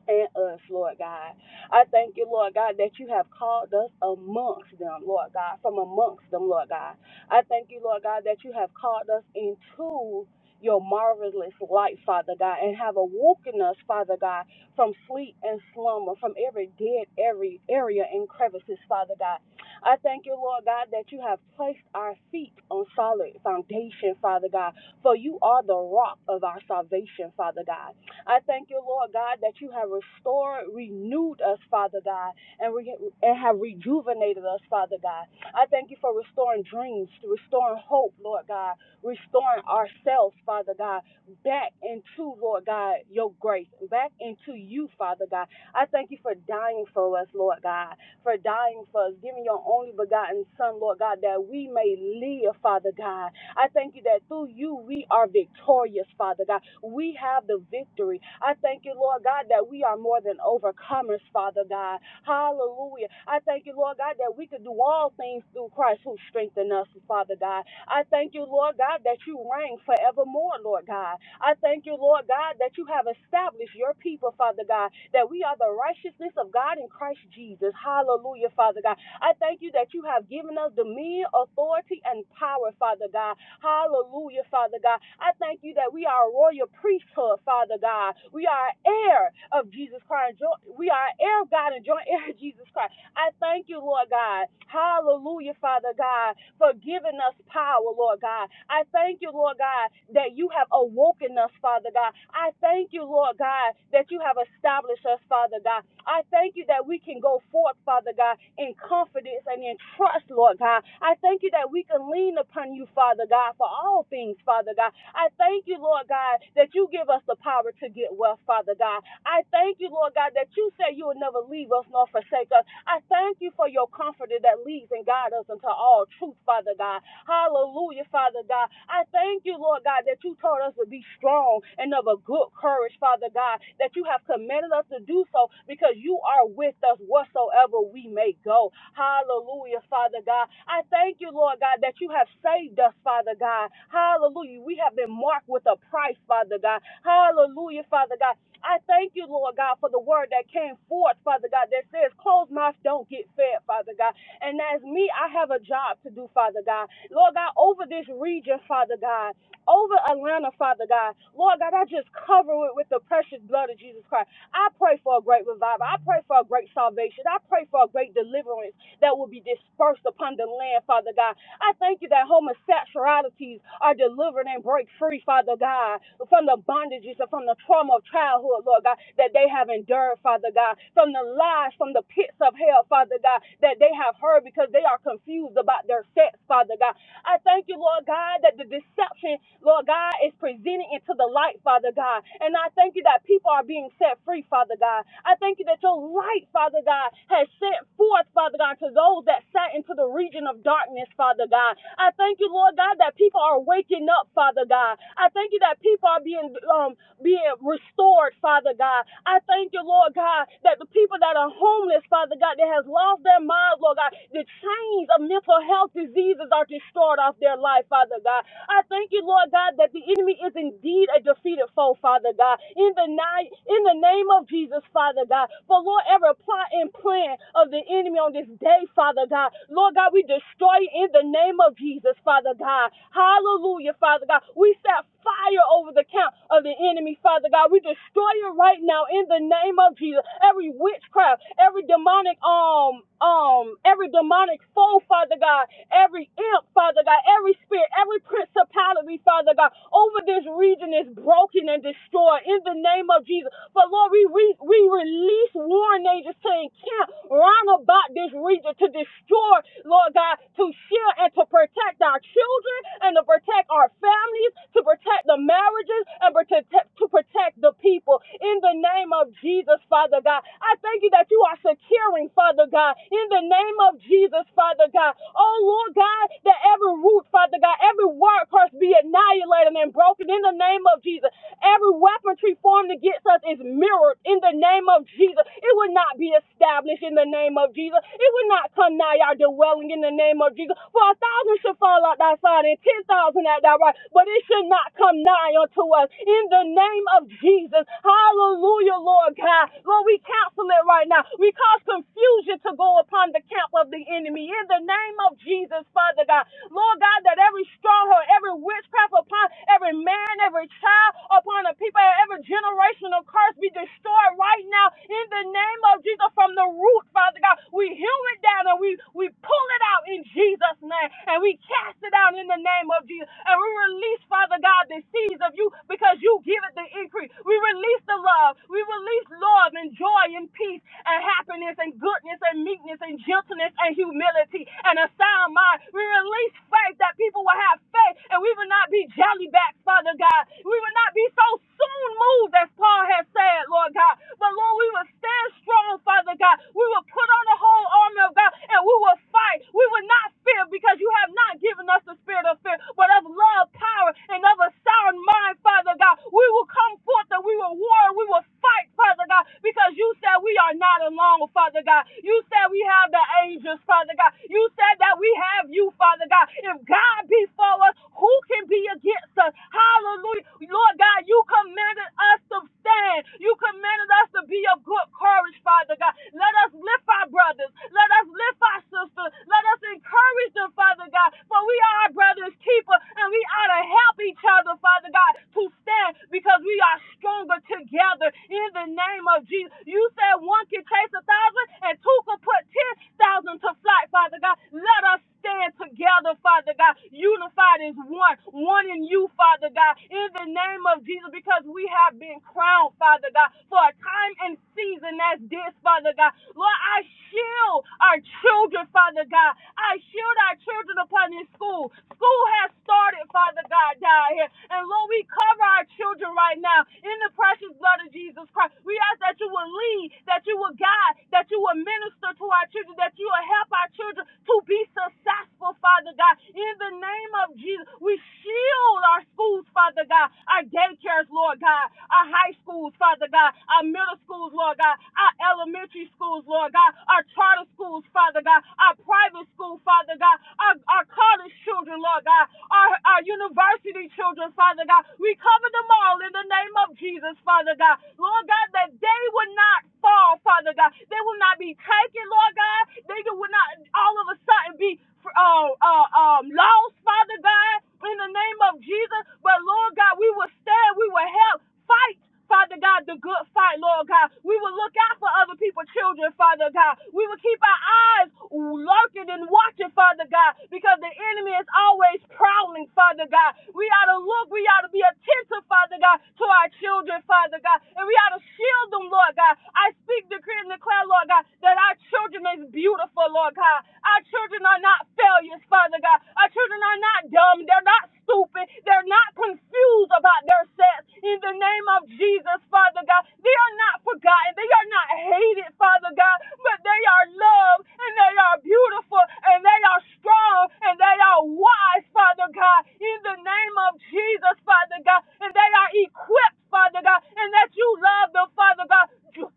and us, Lord God. I thank you, Lord God, that you have called us amongst them, Lord God, from amongst them, Lord God. I thank you, Lord God, that you have called us into your marvelous light, Father God, and have awoken us, Father God, from sleep and slumber, from every dead every area and crevices, Father God. I thank you, Lord God, that you have placed our feet on solid foundation, Father God, for you are the rock of our salvation, Father God. I thank you, Lord God, that you have restored, renewed us, Father God, and, re- and have rejuvenated us, Father God. I thank you for restoring dreams, restoring hope, Lord God, restoring ourselves, Father God, back into, Lord God, your grace, back into you, Father God. I thank you for dying for us, Lord God, for dying for us, giving your only begotten Son, Lord God, that we may live, Father God. I thank you that through you we are victorious, Father God. We have the victory. I thank you, Lord God, that we are more than overcomers, Father God. Hallelujah. I thank you, Lord God, that we could do all things through Christ who strengthened us, Father God. I thank you, Lord God, that you reign forevermore, Lord God. I thank you, Lord God, that you have established your people, Father God, that we are the righteousness of God in Christ Jesus. Hallelujah, Father God. I thank you that you have given us dominion, authority, and power, Father God. Hallelujah, Father God. I thank you that we are a royal priesthood, Father God. We are heir of Jesus Christ. We are heir of God and joint heir of Jesus Christ. I thank you, Lord God. Hallelujah, Father God, for giving us power, Lord God. I thank you, Lord God, that you have awoken us, Father God. I thank you, Lord God, that you have established us, Father God. I thank you that we can go forth, Father God, in confidence and in trust trust, Lord God. I thank you that we can lean upon you, Father God, for all things, Father God. I thank you, Lord God, that you give us the power to get wealth, Father God. I thank you, Lord God, that you say you will never leave us nor forsake us. I thank you for your comforter that leads and guides us into all truth, Father God. Hallelujah, Father God. I thank you, Lord God, that you told us to be strong and of a good courage, Father God, that you have commanded us to do so because you are with us whatsoever we may go. Hallelujah, Father God. I thank you, Lord God, that you have saved us, Father God. Hallelujah. We have been marked with a price, Father God. Hallelujah, Father God. I thank you, Lord God, for the word that came forth, Father God, that says, closed mouths don't get fed, Father God. And as me, I have a job to do, Father God. Lord God, over this region, Father God, over Atlanta, Father God. Lord God, I just cover it with the precious blood of Jesus Christ. I pray for a great revival. I pray for a great salvation. I pray for a great deliverance that will be dispersed upon the land, Father God. I thank you that homosexualities are delivered and break free, Father God, from the bondages and from the trauma of childhood, Lord God, that they have endured, Father God, from the lies, from the pits of hell, Father God, that they have heard because they are confused about their sex, Father God. I thank you, Lord God, that the deception, Lord God, is presented into the light, Father God. And I thank you that people are being set free, Father God. I thank you that your light, Father God, has sent forth, Father God, to those that sat into the region of darkness, Father God. I thank you, Lord God. Father God, that people are waking up, Father God. I thank you that people are being um, being restored, Father God. I thank you, Lord God, that the people that are homeless, Father God, that has lost their minds, Lord God, the chains of mental health diseases are destroyed off their life, Father God. I thank you, Lord God, that the enemy is indeed a defeated foe, Father God. In the night, in the name of Jesus, Father God. For Lord, every plot and plan of the enemy on this day, Father God. Lord God, we destroy in the name of Jesus, Father God. Hallelujah, Father God. We set fire over the account of the enemy, Father God. We destroy it right now in the name of Jesus. Every witchcraft, every demonic um um every demonic foe, Father God, every imp, Father God, every spirit, every principality, Father God, over this region is broken and destroyed in the name of Jesus. But Lord, we, we, we release warring angels to encamp round about this region to destroy, Lord God, to shield and to protect our children and to protect our families, to protect the marriages and protect, to protect the people. In the name of Jesus, Father God, I thank you that you are securing, Father God, in the name of Jesus, Father God. Oh Lord God, that every root, Father God, every word curse be annihilated and broken in the name of Jesus. Every weaponry formed against us is mirrored in the name of Jesus. It will not be established in the name of Jesus. It will not come nigh our dwelling in the name of Jesus. For a thousand should fall at thy side and ten thousand at thy right, but it should not come nigh unto us. In the name of Jesus. Hallelujah, Lord God. Lord, we cancel it right now. We cause confusion to go upon the camp of the enemy. In the name of Jesus, Father God. Lord God, that every stronghold, every witchcraft upon every man, every child, upon the people, and every generational curse be destroyed right now in the name of Jesus from the root, Father God. We hew it down and we, we pull it out in Jesus' name and we cast it out in the name of Jesus. And we release, Father God, the seeds of you because you give it the increase. We release the love. We release love and joy and peace and happiness and goodness and meekness and gentleness and humility and a sound mind mind. We release faith that people will have faith and we will not be jelly back, Father God. We will not be so soon moved as Paul has said, Lord God. But Lord, we will stand strong, Father God. We will put on the whole armor of God and we will fight. We will not fear because you have not given us the spirit of fear, but of love, power, and of a sound mind, Father God. We will come forth and we will war and we will fight, Father God, because you said we are not alone, Father God. You said we have the angels, Father God. You you said that we have you, Father God. If God be for us, who can be against us? Hallelujah. Lord God, you commanded us to stand. You commanded us to be of good courage, Father God. Let us lift our brothers. Let us lift our sisters. Let us encourage them, Father God. For we are our brother's keeper, and we ought to help each other, Father God, to stand because we are stronger together in the name of Jesus. You said one can chase a thousand and two can put ten thousand reason to fight, Father God. Let us stand together, Father God, unified as one, one in you, Father God, in the name of Jesus, because we have been crowned, Father God, for a time and season as this, Father God. Lord, I shield our children, Father God. I shield our children upon this school. School has started, Father God, down here. And Lord, we cover our children right now in the precious blood of Jesus Christ. We ask that you will lead, that you will guide, that you will minister to our children, that you will help our children to be successful, Father God. In the name of Jesus, we shield our schools, Father God, our daycares, Lord God, our high schools, Father God, our middle schools, Lord God, our elementary schools, Lord God, our charter schools, Father God, our private school, Father God, our, our college children, Lord God, our, our university children, Father God. We cover them all in the name of Jesus, Father God. Lord God, that they would not fall, Father God. They will not not be taken, Lord God. Nigga would not all of a sudden be uh, uh, um, lost, Father God, in the name of Jesus. But Lord God, we will stand, we will help fight. Father God, the good fight, Lord God. We will look out for other people's children, Father God. We will keep our eyes lurking and watching, Father God, because the enemy is always prowling, Father God. We ought to look, we ought to be attentive, Father God, to our children, Father God, and we ought to shield them, Lord God. I speak decree decree and declare, Lord God, that our children is beautiful, Lord God. Our children are not failures, Father God. Our children are not dumb. They're not stupid. They're not confused about their sex. In the name of Jesus, Father God, they are not forgotten. They are not hated, Father God, but they are loved and they are beautiful and they are strong and they are wise, Father God. In the name of Jesus, Father God, and they are equipped, Father God, and that you love them, Father God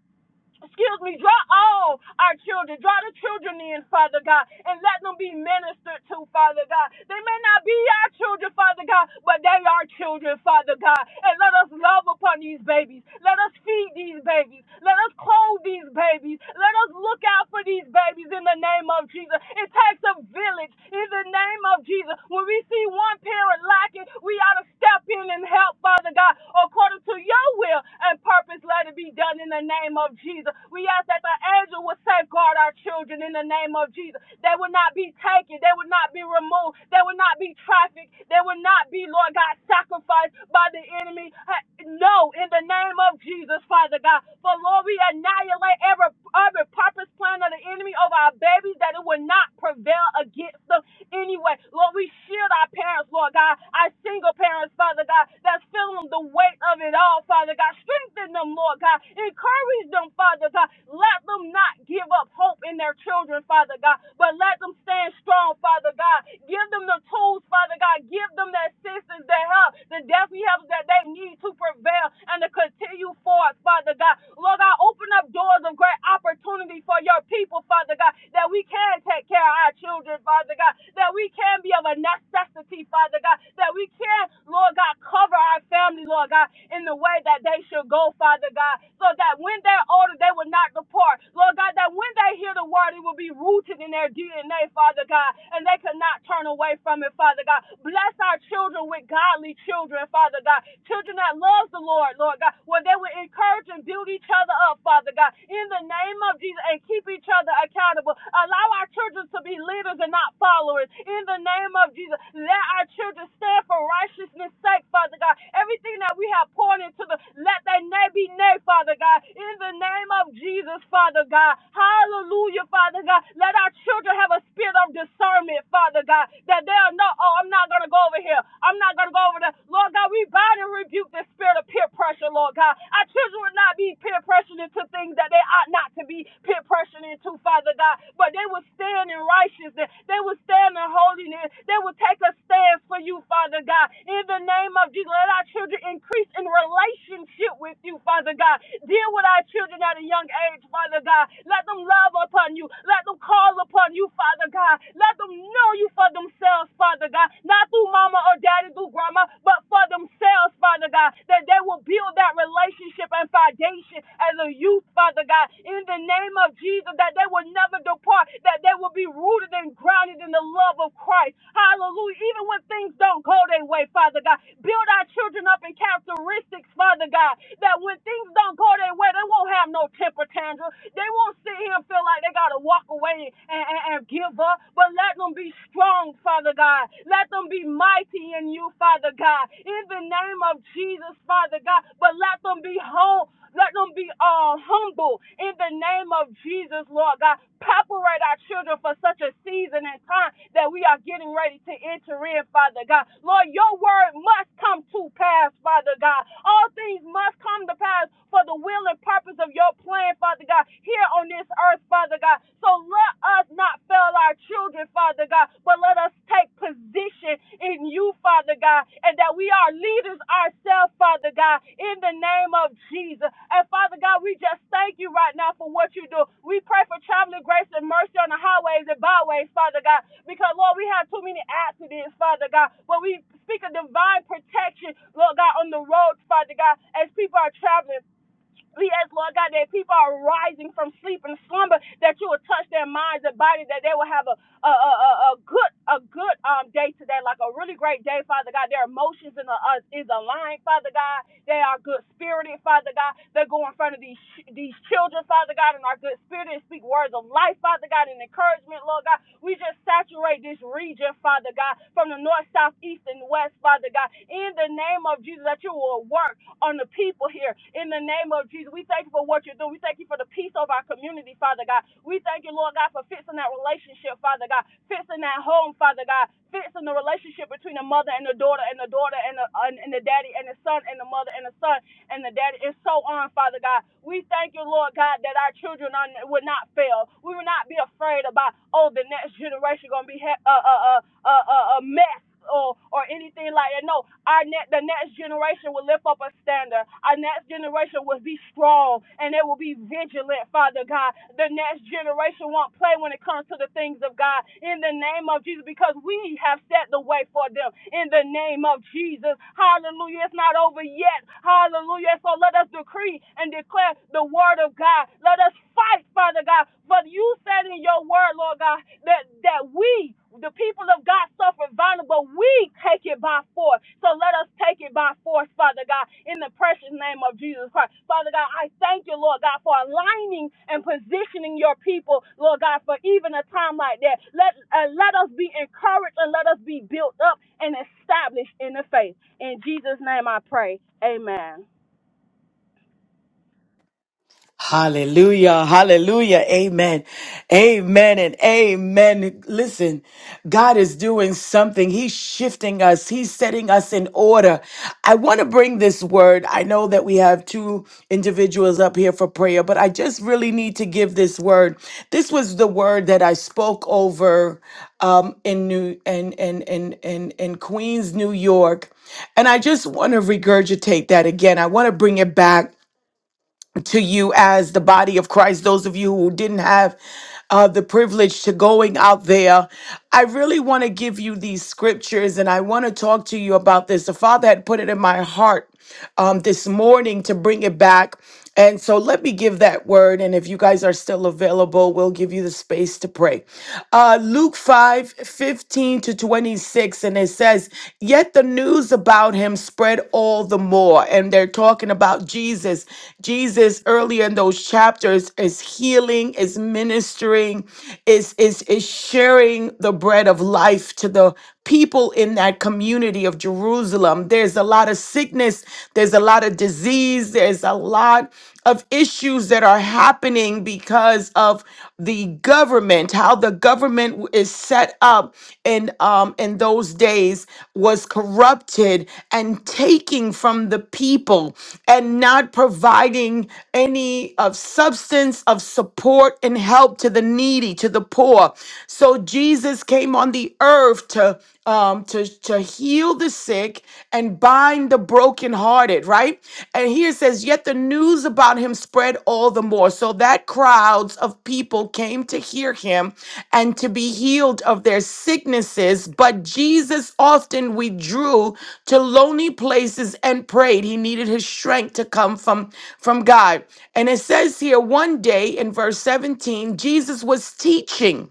excuse me, draw all our children, draw the children in, Father God, and let them be ministered to, Father God. They may not be our children, Father God, but they are children, Father God. And let us love upon these babies. Let us feed these babies. Let us clothe these babies. Let us look out out for these babies in the name of Jesus. It takes a village in the name of Jesus. When we see one parent lacking, we ought to step in and help, Father God, according to your will and purpose. Let it be done in the name of Jesus. We ask that the angel will safeguard our children in the name of Jesus. They will not be taken. They will not be removed. They will not be trafficked. They will not be, Lord God, sacrificed by the enemy. No, in the name of Jesus, Father God. For Lord, we annihilate every, every purpose plan of the enemy over our babies that it will not prevail against them anyway. Lord, we shield our parents, Lord God, our single parents, Father God, that's feeling the weight of it all, Father God. Strengthen them, Lord God. Encourage them, Father God. Let them not give up hope in their children, Father God, but let them stand strong, Father God. Give them the tools, Father God. Give them the assistance, the help, the destiny helpers that they need to prevail and to continue forth, Father God. Lord God, open up doors of great opportunity for your people, Father God, that we can take care are our children, Father God, that we can be of a necessity, Father God, that we can, Lord God, cover our family, Lord God, in the way that they should go, Father God, so that when they're older, they will not depart. Lord God, that when they hear the word, it will be rooted in their DNA, Father God, and they could not turn away from it, Father God. Bless our children with godly children, Father God, children that love the Lord, Lord God, where they will encourage and build each other up, Father God, in the name of Jesus, and keep each other accountable accountable. Allow our children to be leaders and not followers. In the name of Jesus, let our children stand for righteousness' sake, Father God. Everything that we have poured into them, let their nay be nay, Father God. In the name of Jesus, Father God. Hallelujah, Father God. Let our children have a spirit of discernment, Father God, that they'll know, oh, I'm not going to go over here. I'm not going to go over there. Lord God, we bind and rebuke the spirit of peer pressure, Lord God. Our children will not be peer pressured into things that they ought not to be peer pressure into, Father God. But they will stand in righteousness. They will stand in holiness. They will take a stand for you, Father God. In the name of Jesus, let our children increase in relationship with you, Father God. Deal with our children at a young age, Father God. Let them love upon you. Let them call upon you, Father God. Let them know you for themselves, Father God. Not through mama or daddy, through grandma, but for themselves, Father God. That they will build that relationship and foundation as a youth Father God, in the name of Jesus, that they will never depart, that they will be rooted and grounded in the love of Christ. Hallelujah. Even when things don't go their way, Father God, build our children up in characteristics, Father God, that when things don't go their way, they won't have no temper tantrum. They won't sit here and feel like they got to walk away and, and, and give up, but let them be strong, Father God. Let them be mighty in you, Father God. In the name of Jesus, Father God, but let them be whole, let them be all humble in the name of Jesus, Lord God. Preparate our children for such a season and time that we are getting ready to enter in, Father God. Lord, your word must come to pass, Father God. All things must come to pass for the will and purpose of your plan, Father God, here on this earth, Father God. So let us not fail our children, Father God, but but let us take position in you, Father God, and that we are leaders ourselves, Father God, in the name of Jesus. And Father God, we just thank you right now for what you do. We pray for traveling grace and mercy on the highways and byways, Father God, because Lord, we have too many accidents, Father God, but we speak of divine protection, Lord God, on the roads, Father God, as people are traveling. Yes, Lord God, that people are rising from sleep and slumber, that you will touch their minds and body, that they will have a a, a, a a good a good um day today, like a really great day, Father God. Their emotions in the, uh, is aligned, Father God. They are good spirited, Father God. They go in front of these these children, Father God, and are good spirited and speak words of life, Father God, and encouragement, Lord God. We just saturate this region, Father God, from the north, south, east, and and west, Father God, in the name of Jesus, that you will work on the people here. In the name of Jesus, we thank you for what you're doing. We thank you for the peace of our community, Father God. We thank you, Lord God, for fixing that relationship, Father God, fixing that home, Father God, fixing the relationship between the mother and the daughter, and the daughter and the, and, and the daddy, and the son and the mother and the son and the daddy. It's so on, Father God. We thank you, Lord God, that our children are, will not fail. We will not be afraid about, oh, the next generation going to be ha- a, a, a, a, a mess. Or, or anything like that. No, our net, the next generation will lift up a standard. Our next generation will be strong and they will be vigilant, Father God. The next generation won't play when it comes to the things of God in the name of Jesus because we have set the way for them in the name of Jesus. Hallelujah. It's not over yet. Hallelujah. Hallelujah. So let us decree and declare the word of God. Let us fight, Father God. For you said in your word, Lord God, that, that we, the people of God, suffer violence, but We take it by force. So let us take it by force, Father God, in the precious name of Jesus Christ. Father God, I thank you, Lord God, for aligning and positioning your people, Lord God, for even a time like that. Let, uh, let us be encouraged and let us be built up and established in the faith. In Jesus' name I pray. Amen. I want to bring this word. I know that we have two individuals up here for prayer, but I just really need to give this word. This was the word that I spoke over um, in New in in, in in in Queens, New York, and I just want to regurgitate that again. I want to bring it back to you as the body of Christ, those of you who didn't have uh, the privilege to going out there. I really want to give you these scriptures and I want to talk to you about this. The Father had put it in my heart um, this morning to bring it back. And so let me give that word. And if you guys are still available, we'll give you the space to pray. Uh, Luke five fifteen to 26. And it says, says, Yet the news about him spread all the more. And they're talking about Jesus. Jesus, earlier in those chapters, is healing, is ministering, is, is, is sharing the bread of life to the people in that community of Jerusalem. There's a lot of sickness, there's a lot of disease, there's a lot of issues that are happening because of the government, how the government w- is set up in um in those days was corrupted and taking from the people and not providing any of substance of support and help to the needy, to the poor. So Jesus came on the earth to um, to, to heal the sick and bind the brokenhearted, right? And here it says, Yet the news about him spread all the more, so that crowds of people came to hear him and to be healed of their sicknesses. But Jesus often withdrew to lonely places and prayed. He needed his strength to come from, from God. And it says here, one day in verse 17, Jesus was teaching.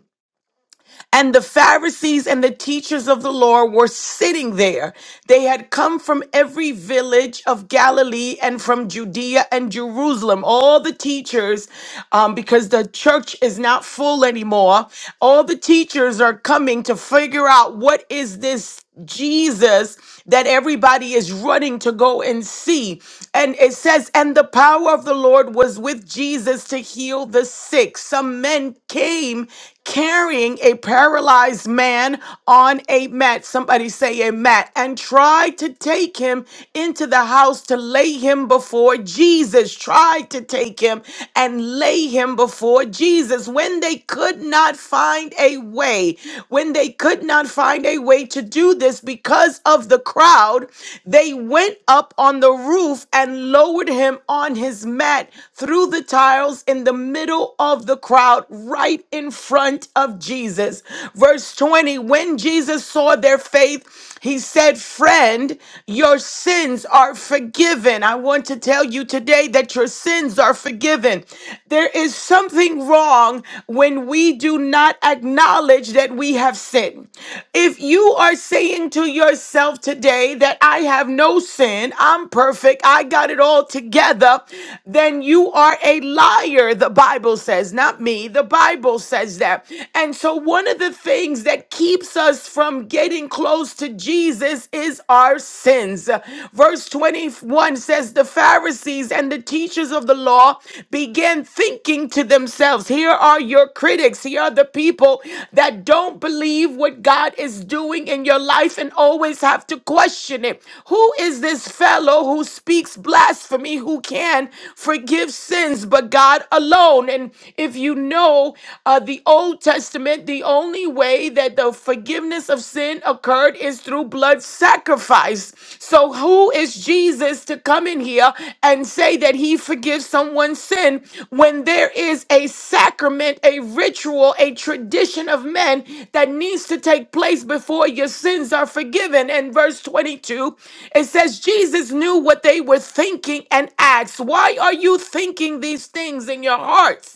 And the Pharisees and the teachers of the law were sitting there. They had come from every village of Galilee and from Judea and Jerusalem. All the teachers, um, because the church is not full anymore, all the teachers are coming to figure out what is this Jesus that everybody is running to go and see. And it says, and the power of the Lord was with Jesus to heal the sick. Some men came carrying a paralyzed man on a mat. Somebody say a mat. And tried to take him into the house to lay him before Jesus. Tried to take him and lay him before Jesus. When they could not find a way, when they could not find a way to do this because of the crowd, they went up on the roof and lowered him on his mat through the tiles in the middle of the crowd, right in front of Jesus. Verse 20 When Jesus saw their faith, he said, Friend, your sins are forgiven. I want to tell you today that your sins are forgiven. There is something wrong when we do not acknowledge that we have sinned. If you are saying to yourself today that I have no sin, I'm perfect, I got it all together, then you are a liar, the Bible says, not me. The Bible says that. And so, one of the things that keeps us from getting close to Jesus is our sins. Verse 21 says, The Pharisees and the teachers of the law began thinking to themselves, Here are your critics, here are the people that don't believe what God is doing in your life and always have to question it. Who is this fellow who speaks blasphemy, who can forgive sins but God alone? And if you if you know uh, the Old Testament, the only way that the forgiveness of sin occurred is through blood sacrifice. So, who is Jesus to come in here and say that he forgives someone's sin when there is a sacrament, a ritual, a tradition of men that needs to take place before your sins are forgiven? And verse 22, it says, Jesus knew what they were thinking and asked, Why are you thinking these things in your hearts?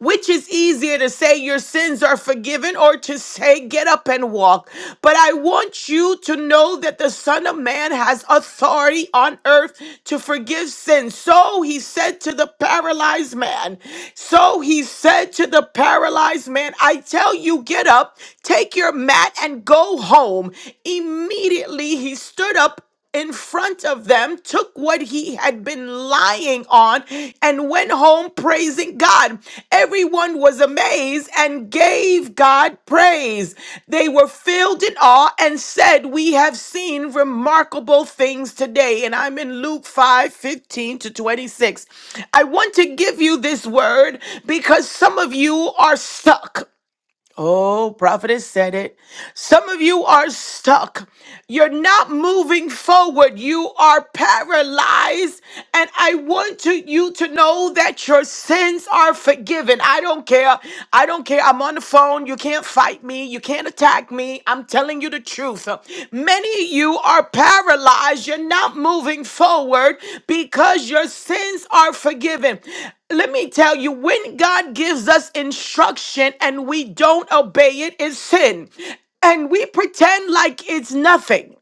Which is easier to say your sins are forgiven or to say get up and walk? But I want you to know that the Son of Man has authority on earth to forgive sins. So he said to the paralyzed man, so he said to the paralyzed man, I tell you, get up, take your mat, and go home. Immediately he stood up in front of them, took what he had been lying on, and went home praising God. Everyone was amazed and gave God praise. They were filled in awe and said, We have seen remarkable things today. And I'm in Luke five fifteen to 26. I want to give you this word because some of you are stuck. Oh, prophetess said it. Some of you are stuck. You're not moving forward. You are paralyzed. And I want to, you to know that your sins are forgiven. I don't care. I don't care. I'm on the phone. You can't fight me. You can't attack me. I'm telling you the truth. Many of you are paralyzed. You're not moving forward because your sins are forgiven. Let me tell you, when God gives us instruction and we don't obey it, it's sin. And we pretend like it's nothing.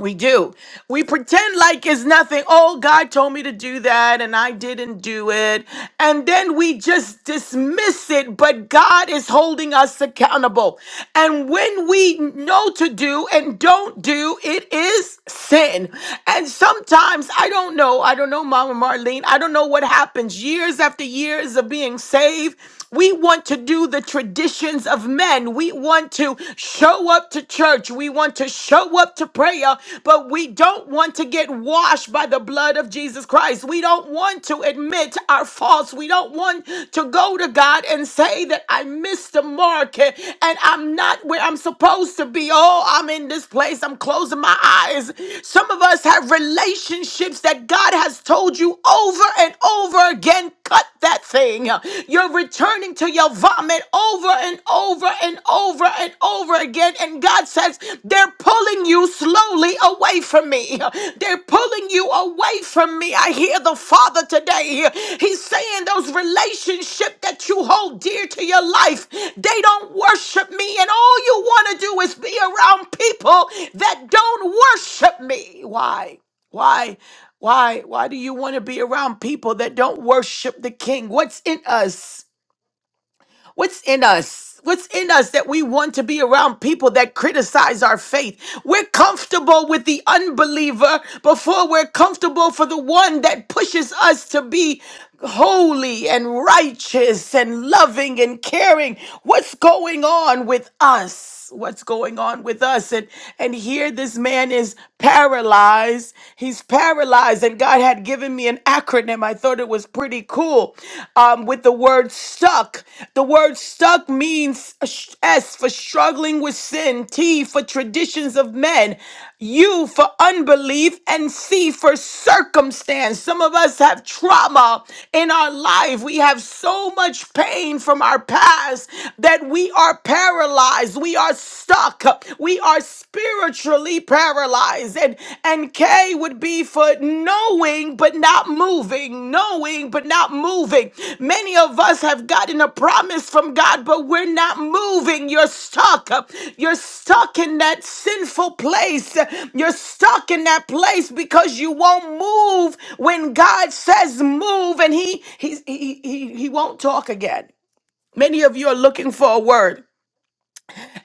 We do. We pretend like it's nothing. Oh, God told me to do that and I didn't do it. And then we just dismiss it, but God is holding us accountable. And when we know to do and don't do, it is sin. And sometimes, I don't know, I don't know, Mama Marlene, I don't know what happens years after years of being saved. We want to do the traditions of men. We want to show up to church. We want to show up to prayer, but we don't want to get washed by the blood of Jesus Christ. We don't want to admit our faults. We don't want to go to God and say that I missed the mark and I'm not where I'm supposed to be. Oh, I'm in this place. I'm closing my eyes. Some of us have relationships that God has told you over and and over again. Cut that thing. You're returning to your vomit over and over and over and over again. And God says, They're pulling you slowly away from me. They're pulling you away from me. I hear the Father today. He's saying those relationships that you hold dear to your life, they don't worship me. And all you want to do is be around people that don't worship me. Why? Why, why, why do you want to be around people that don't worship the King? What's in us? What's in us? What's in us that we want to be around people that criticize our faith? We're comfortable with the unbeliever before we're comfortable for the one that pushes us to be holy and righteous and loving and caring. What's going on with us? us what's going on with us and and here this man is paralyzed he's paralyzed and god had given me an acronym i thought it was pretty cool um, with the word stuck the word stuck means sh- s for struggling with sin t for traditions of men u for unbelief and c for circumstance some of us have trauma in our life we have so much pain from our past that that we are paralyzed, we are stuck, we are spiritually paralyzed. And and K would be for knowing but not moving, knowing but not moving. Many of us have gotten a promise from God, but we're not moving. You're stuck. You're stuck in that sinful place. You're stuck in that place because you won't move when God says move, and He He He He, he won't talk again. Many of you are looking for a word.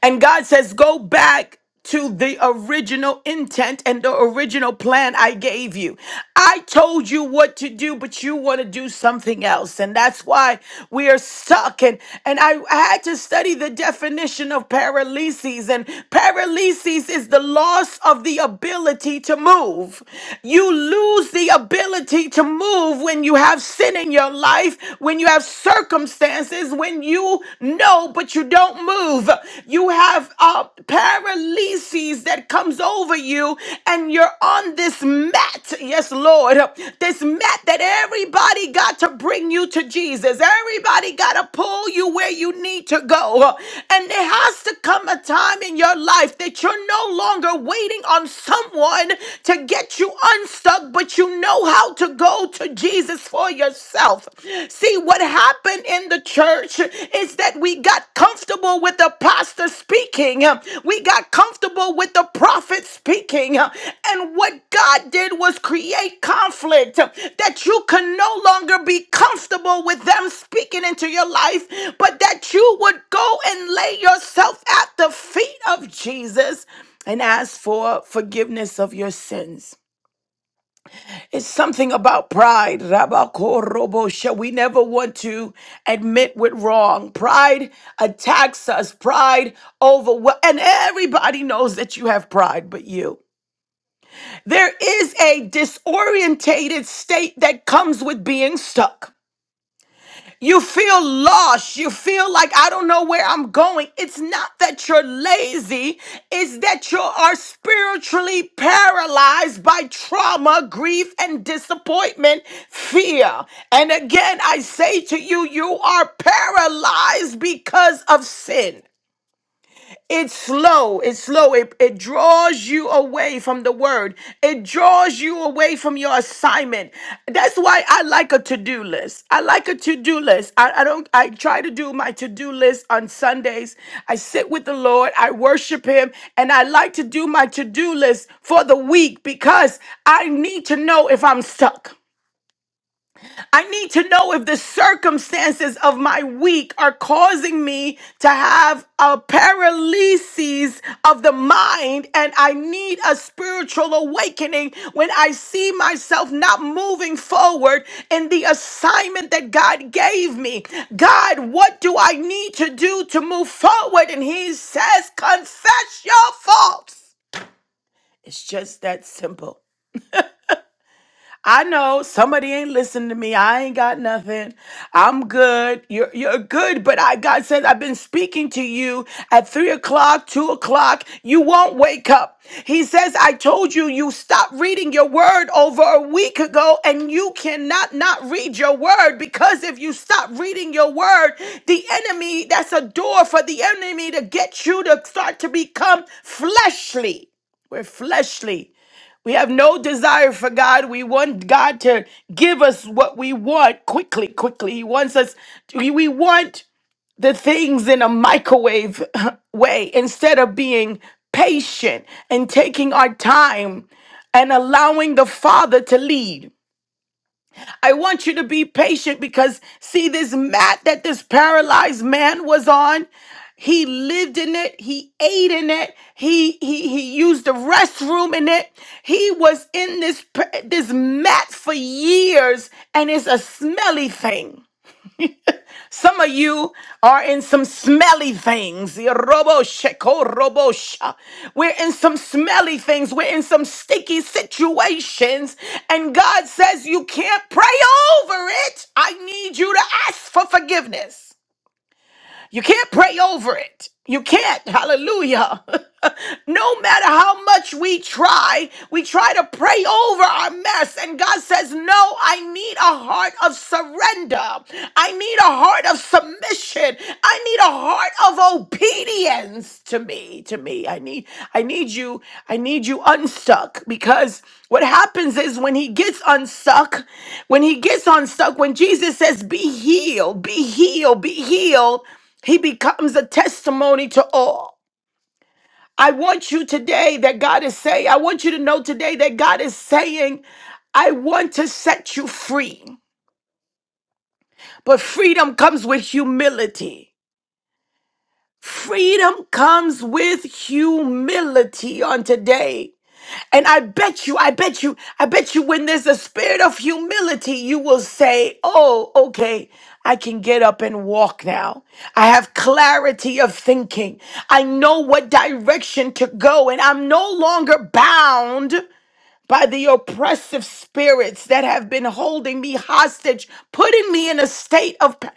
And God says, go back to the original intent and the original plan I gave you. I told you what to do, but you want to do something else. And that's why we are stuck. And, and I, I had to study the definition of paralysis. And paralysis is the loss of the ability to move. You lose the ability to move when you have sin in your life, when you have circumstances is when you know but you don't move. You have uh, paralyses that comes over you and you're on this mat. Yes, Lord. This mat that everybody got to bring you to Jesus. Everybody got to pull you where you need to go. And there has to come a time in your life that you're no longer waiting on someone to get you unstuck, but you know how to go to Jesus Jesus for yourself. See, what happened in the church is that we got comfortable with the pastor speaking, we got comfortable with the prophet speaking, and what God did was create conflict that you can no longer be comfortable with them speaking into your life, but that you would go and lay yourself at the feet of Jesus and ask for forgiveness of your sins. It's something about pride, Rabakorobosha. We never want to admit we're wrong. Pride attacks us. Pride over and everybody knows that you have pride, but you. There is a disorientated state that comes with being stuck. You feel lost. You feel like I don't know where I'm going. It's not that you're lazy, it's that you are spiritually paralyzed by trauma, grief, and disappointment, fear. And again, I say to you, you are paralyzed because of sin. It's slow. It's slow. It, it draws you away from the word. It draws you away from your assignment. That's why I like a to-do list. I like a to-do list. I, I don't I try to do my to-do list on Sundays. I sit with the Lord. I worship him. And I like to do my to-do list for the week because I need to know if I'm stuck. I need to know if the circumstances of my week are causing me to have a paralysis of the mind, and I need a spiritual awakening when I see myself not moving forward in the assignment that God gave me. God, what do I need to do to move forward? And He says, Confess your faults. It's just that simple. I know somebody ain't listening to me. I ain't got nothing. I'm good. You're you're good, but I God says I've been speaking to you at three o'clock, two o'clock. You won't wake up. He says, I told you you stopped reading your word over a week ago, and you cannot not read your word because if you stop reading your word, the enemy, that's a door for the enemy to get you to start to become fleshly. We're fleshly. We have no desire for God. We want God to give us what we want quickly, quickly. He wants us, we we want the things in a microwave way instead of being patient and taking our time and allowing the Father to lead. I want you to be patient because see this mat that this paralyzed man was on, he lived in it, he ate in it, he he he used the restroom in it. He was in this pa- this mat for years and it's a smelly thing. Some of you are in some smelly things. Robo sheko robo sha. We're in some smelly things. We're in some sticky situations. And God says you can't pray over it. I need you to ask for forgiveness. You can't pray over it. You can't. Hallelujah. no matter how much we try, we try to pray over our mess. And God says, No, I need a heart of surrender. I need a heart of submission. I need a heart of obedience to me. To me. I need, I need you, I need you unstuck because what happens is when he gets unstuck, when he gets unstuck, when Jesus says, Be healed, be healed, be healed. He becomes a testimony to all. I want you today that God is saying, I want you to know today that God is saying, I want to set you free. But freedom comes with humility. Freedom comes with humility on today. And I bet you, I bet you, I bet you when there's a spirit of humility, you will say, Oh, okay, I can get up and walk now. I have clarity of thinking. I know what direction to go, and I'm no longer bound by the oppressive spirits that have been holding me hostage, putting me in a state of. pa-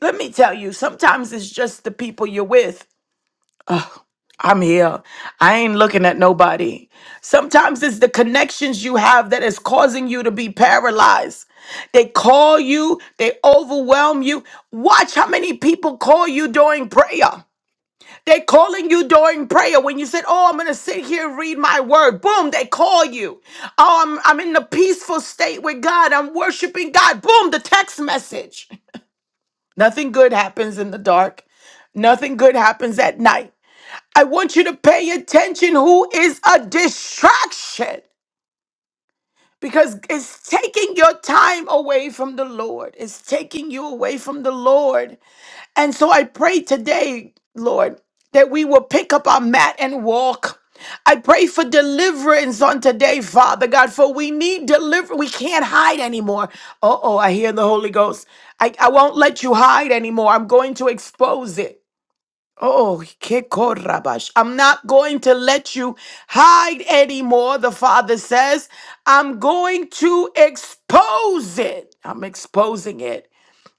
Let me tell you, sometimes it's just the people you're with. I'm here. I ain't looking at nobody. Sometimes it's the connections you have that is causing you to be paralyzed. They call you, they overwhelm you. Watch how many people call you during prayer. They calling you during prayer when you said, "Oh, I'm gonna sit here and read my word." Boom, they call you. Oh, I'm I'm in the peaceful state with God. I'm worshiping God. Boom, the text message. Nothing good happens in the dark. Nothing good happens at night. I want you to pay attention who is a distraction because it's taking your time away from the Lord. It's taking you away from the Lord. And so I pray today, Lord, that we will pick up our mat and walk. I pray for deliverance on today, Father God, for we need deliverance. We can't hide anymore. Uh oh, I hear the Holy Ghost. I, I won't let you hide anymore. I'm going to expose it. Oh, Kekorabash. I'm not going to let you hide anymore, the Father says. I'm going to expose it. I'm exposing it.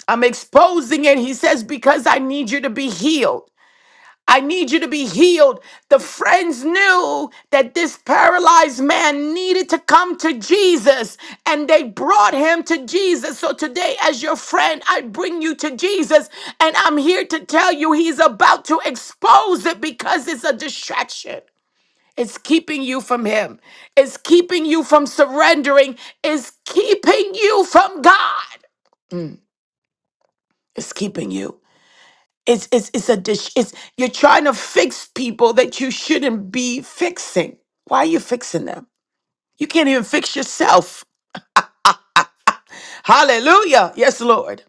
I'm exposing it, he says, because I need you to be healed. I need you to be healed. The friends knew that this paralyzed man needed to come to Jesus and they brought him to Jesus. So today, as your friend, I bring you to Jesus and I'm here to tell you he's about to expose it because it's a distraction. It's keeping you from him. It's keeping you from surrendering. It's keeping you from God. It's keeping you. It's it's it's a dish. It's you're trying to fix people that you shouldn't be fixing. Why are you fixing them? You can't even fix yourself. Hallelujah. Yes, Lord.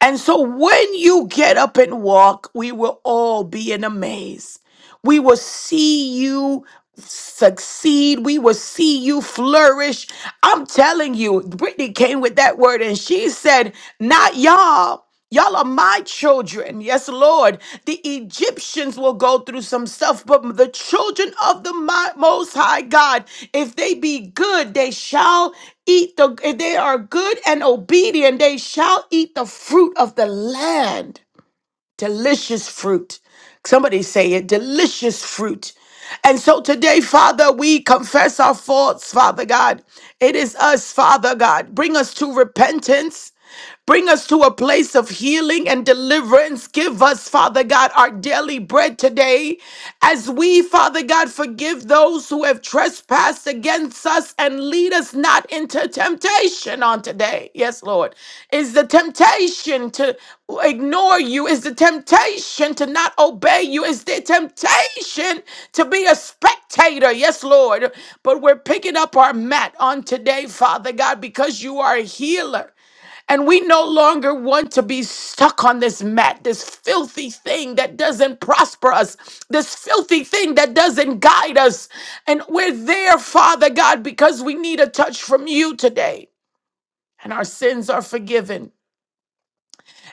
And so when you get up and walk, we will all be in a maze. We will see you succeed. We will see you flourish. I'm telling you, Brittany came with that word and she said, Not y'all. Y'all are my children. Yes, Lord. The Egyptians will go through some stuff, but the children of the Mi- Most High God, if they be good, they shall eat the, if they are good and obedient, they shall eat the fruit of the land delicious fruit. Somebody say it, delicious fruit. And so today, Father, we confess our faults, Father God. It is us, Father God. Bring us to repentance. Bring us to a place of healing and deliverance. Give us, Father God, our daily bread today as we, Father God, forgive those who have trespassed against us and lead us not into temptation on today. Yes, Lord. Is the temptation to ignore you? Is the temptation to not obey you? Is the temptation to be a spectator? Yes, Lord. But we're picking up our mat on today, Father God, because you are a healer. And we no longer want to be stuck on this mat, this filthy thing that doesn't prosper us, this filthy thing that doesn't guide us. And we're there, Father God, because we need a touch from you today. And our sins are forgiven.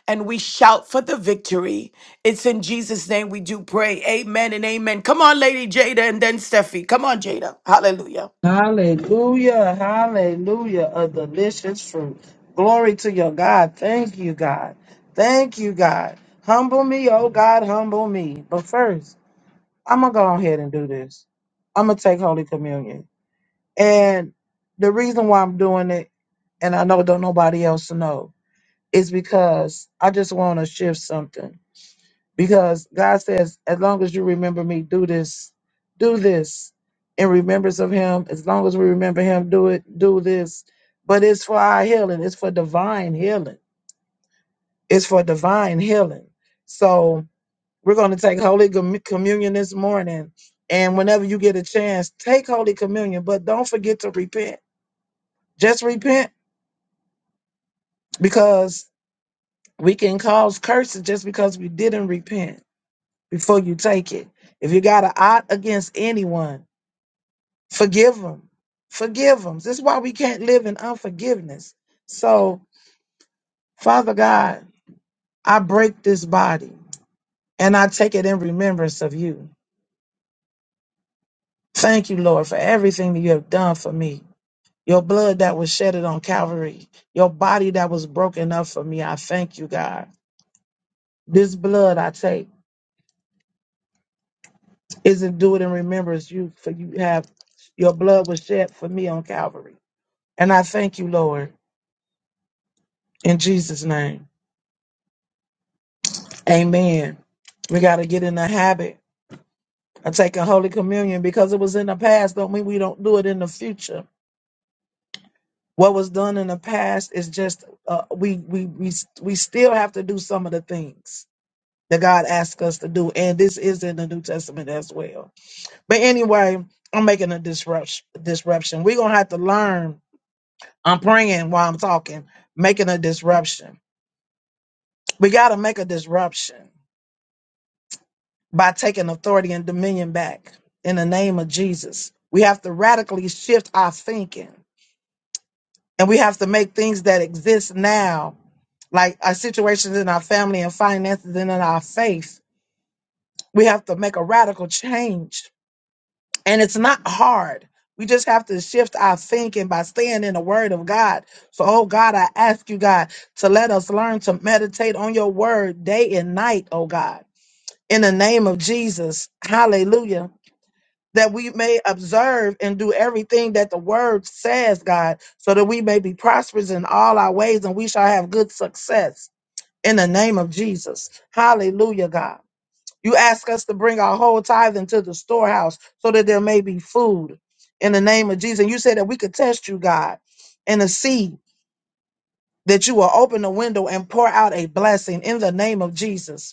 And we shout for the victory. It's in Jesus' name we do pray. Amen and amen. Come on, Lady Jada and then Steffi. Come on, Jada. Hallelujah. Hallelujah, hallelujah, a delicious fruit. Glory to your God. Thank you, God. Thank you, God. Humble me, oh God, humble me. But first, I'm going to go ahead and do this. I'm going to take Holy Communion. And the reason why I'm doing it, and I know don't nobody else know, is because I just want to shift something because God says, as long as you remember me, do this, do this in remembrance of him. As long as we remember him, do it, do this. But it's for our healing, it's for divine healing. It's for divine healing. So we're going to take Holy Com- Communion this morning. And whenever you get a chance, take Holy Communion, but don't forget to repent. Just repent because we can cause curses just because we didn't repent before you take it. If you got an ought against anyone, Forgive them. Forgive them. This is why we can't live in unforgiveness. So, Father God, I break this body and I take it in remembrance of you. Thank you, Lord, for everything that you have done for me. Your blood that was shedded on Calvary, your body that was broken up for me. I thank you, God. This blood I take isn't do it in remembrance you, for you have your blood was shed for me on Calvary. And I thank you, Lord, in Jesus' name. Amen. We got to get in the habit of taking Holy Communion because it was in the past. Don't mean we don't do it in the future. What was done in the past is just uh, we we we we still have to do some of the things that God asked us to do, and this is in the New Testament as well. But anyway, I'm making a disruption. Disruption. We're gonna have to learn. I'm praying while I'm talking, making a disruption. We got to make a disruption. by taking authority and dominion back in the name of Jesus. We have to radically shift our thinking and we have to make things that exist now, like our situations in our family and finances and in our faith. We have to make a radical change. And it's not hard. We just have to shift our thinking by staying in the word of God. So, oh God, I ask you, God, to let us learn to meditate on your word day and night, oh God, in the name of Jesus. Hallelujah that we may observe and do everything that the word says, God, so that we may be prosperous in all our ways and we shall have good success in the name of Jesus. Hallelujah, God. You ask us to bring our whole tithe into the storehouse so that there may be food in the name of Jesus. And you said that we could test you, God, and to see that you will open the window and pour out a blessing in the name of Jesus.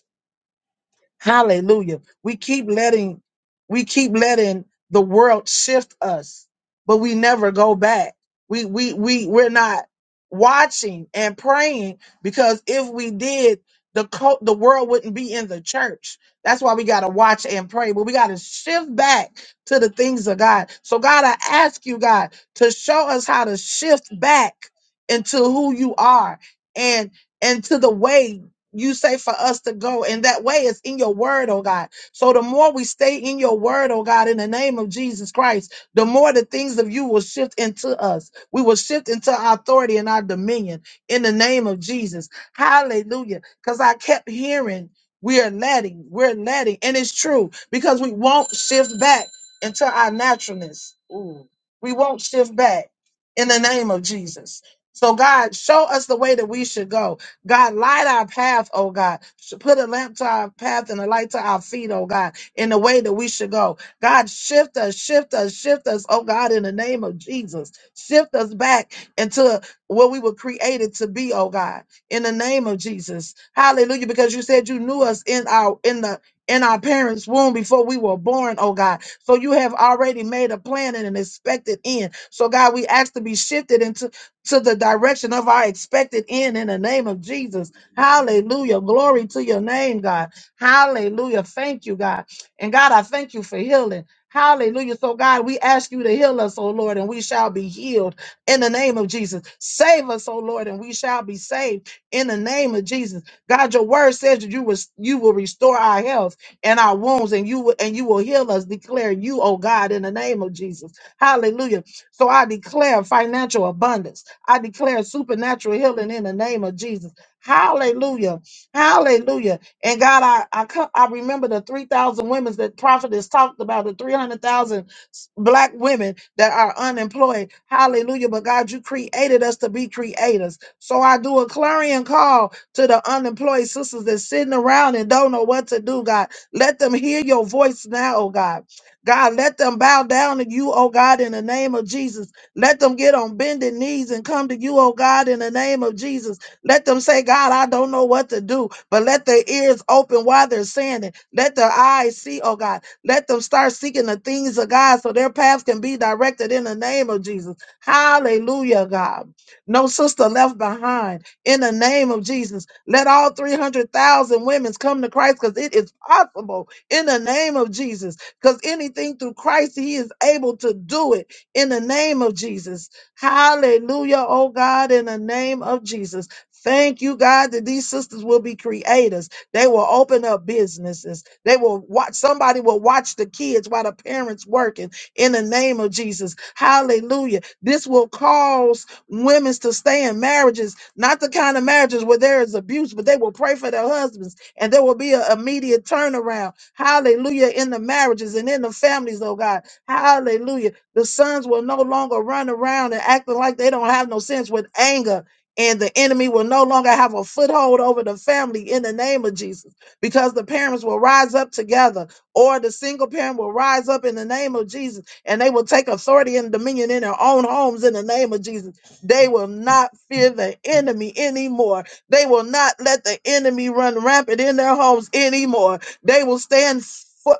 Hallelujah. We keep letting we keep letting the world shift us, but we never go back. We we we we're not watching and praying because if we did, the co- the world wouldn't be in the church. That's why we got to watch and pray, but we got to shift back to the things of God. So God, I ask you God to show us how to shift back into who you are and and to the way you say for us to go. And that way it's in your word, oh God. So the more we stay in your word, oh God, in the name of Jesus Christ, the more the things of you will shift into us. We will shift into our authority and our dominion in the name of Jesus. Hallelujah. Because I kept hearing, we are letting, we're letting. And it's true because we won't shift back into our naturalness. Ooh. We won't shift back in the name of Jesus. So, God, show us the way that we should go. God, light our path, oh God. Sh- Put a lamp to our path and a light to our feet, oh God, in the way that we should go. God, shift us, shift us, shift us, oh God, in the name of Jesus. Shift us back into what we were created to be, oh God, in the name of Jesus. Hallelujah. Because you said you knew us in our in the in our parents' womb before we were born, oh God. So you have already made a plan and an expected end. So God, we ask to be shifted into to the direction of our expected end in the name of Jesus. Hallelujah. Glory to your name, God. Hallelujah. Thank you, God. And God, I thank you for healing. Hallelujah. So, God, we ask you to heal us, O Lord, and we shall be healed in the name of Jesus. Save us, O Lord, and we shall be saved in the name of Jesus. God, your word says that you will, you will restore our health and our wounds, and you will and you will heal us, declare you, O God, in the name of Jesus. Hallelujah. So I declare financial abundance. I declare supernatural healing in the name of Jesus. Hallelujah. Hallelujah. And God, I I, co- I remember the 3,000 women that prophet has talked about, the 300,000 black women that are unemployed. Hallelujah. But God, you created us to be creators. So I do a clarion call to the unemployed sisters that's sitting around and don't know what to do, God. Let them hear your voice now, oh God. God, let them bow down to you, oh God, in the name of Jesus. Let them get on bended knees and come to you, oh God, in the name of Jesus. Let them say, God, I don't know what to do, but let their ears open while they're saying it. Let their eyes see, oh God. Let them start seeking the things of God so their paths can be directed in the name of Jesus. Hallelujah, God. No sister left behind in the name of Jesus. Let all 300,000 women come to Christ because it is possible in the name of Jesus. Because anything through Christ, He is able to do it in the name of Jesus. Hallelujah, oh God, in the name of Jesus. Thank you, God, that these sisters will be creators. They will open up businesses. They will watch, somebody will watch the kids while the parents working in the name of Jesus. Hallelujah. This will cause women to stay in marriages, not the kind of marriages where there is abuse, but they will pray for their husbands and there will be an immediate turnaround. Hallelujah. In the marriages and in the families, oh God. Hallelujah the sons will no longer run around and acting like they don't have no sense with anger. And the enemy will no longer have a foothold over the family in the name of Jesus because the parents will rise up together or the single parent will rise up in the name of Jesus and they will take authority and dominion in their own homes in the name of Jesus. They will not fear the enemy anymore. They will not let the enemy run rampant in their homes anymore. They will stand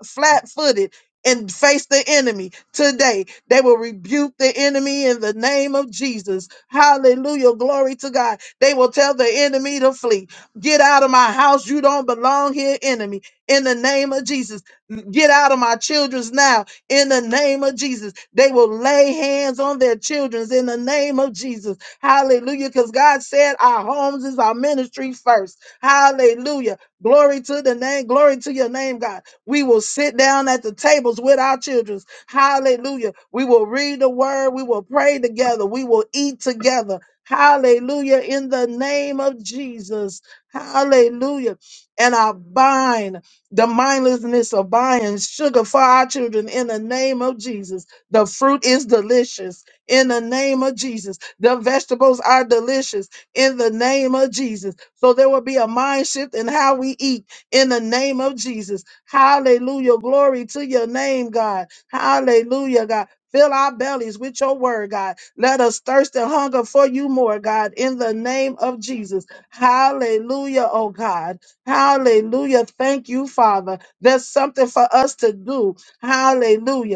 flat footed and face the enemy today they will rebuke the enemy in the name of Jesus. Hallelujah. Glory to God. They will tell the enemy to flee. Get out of my house. You don't belong here, enemy. In the name of Jesus. Get out of my children's now. In the name of Jesus. They will lay hands on their children's in the name of Jesus. Hallelujah. Because God said our homes is our ministry first. Hallelujah. Glory to the name. Glory to your name, God. We will sit down at the tables with our children. Hallelujah. We will read the word. We will pray together. We will eat together. Hallelujah. In the name of Jesus. Hallelujah. And I bind the mindlessness of buying sugar for our children in the name of Jesus. The fruit is delicious in the name of Jesus. The vegetables are delicious in the name of Jesus. So there will be a mind shift in how we eat in the name of Jesus. Hallelujah. Glory to your name, God. Hallelujah, God. Fill our bellies with your word, God. Let us thirst and hunger for you more, God, in the name of Jesus. Hallelujah, oh God. Hallelujah. Thank you, Father. There's something for us to do. Hallelujah.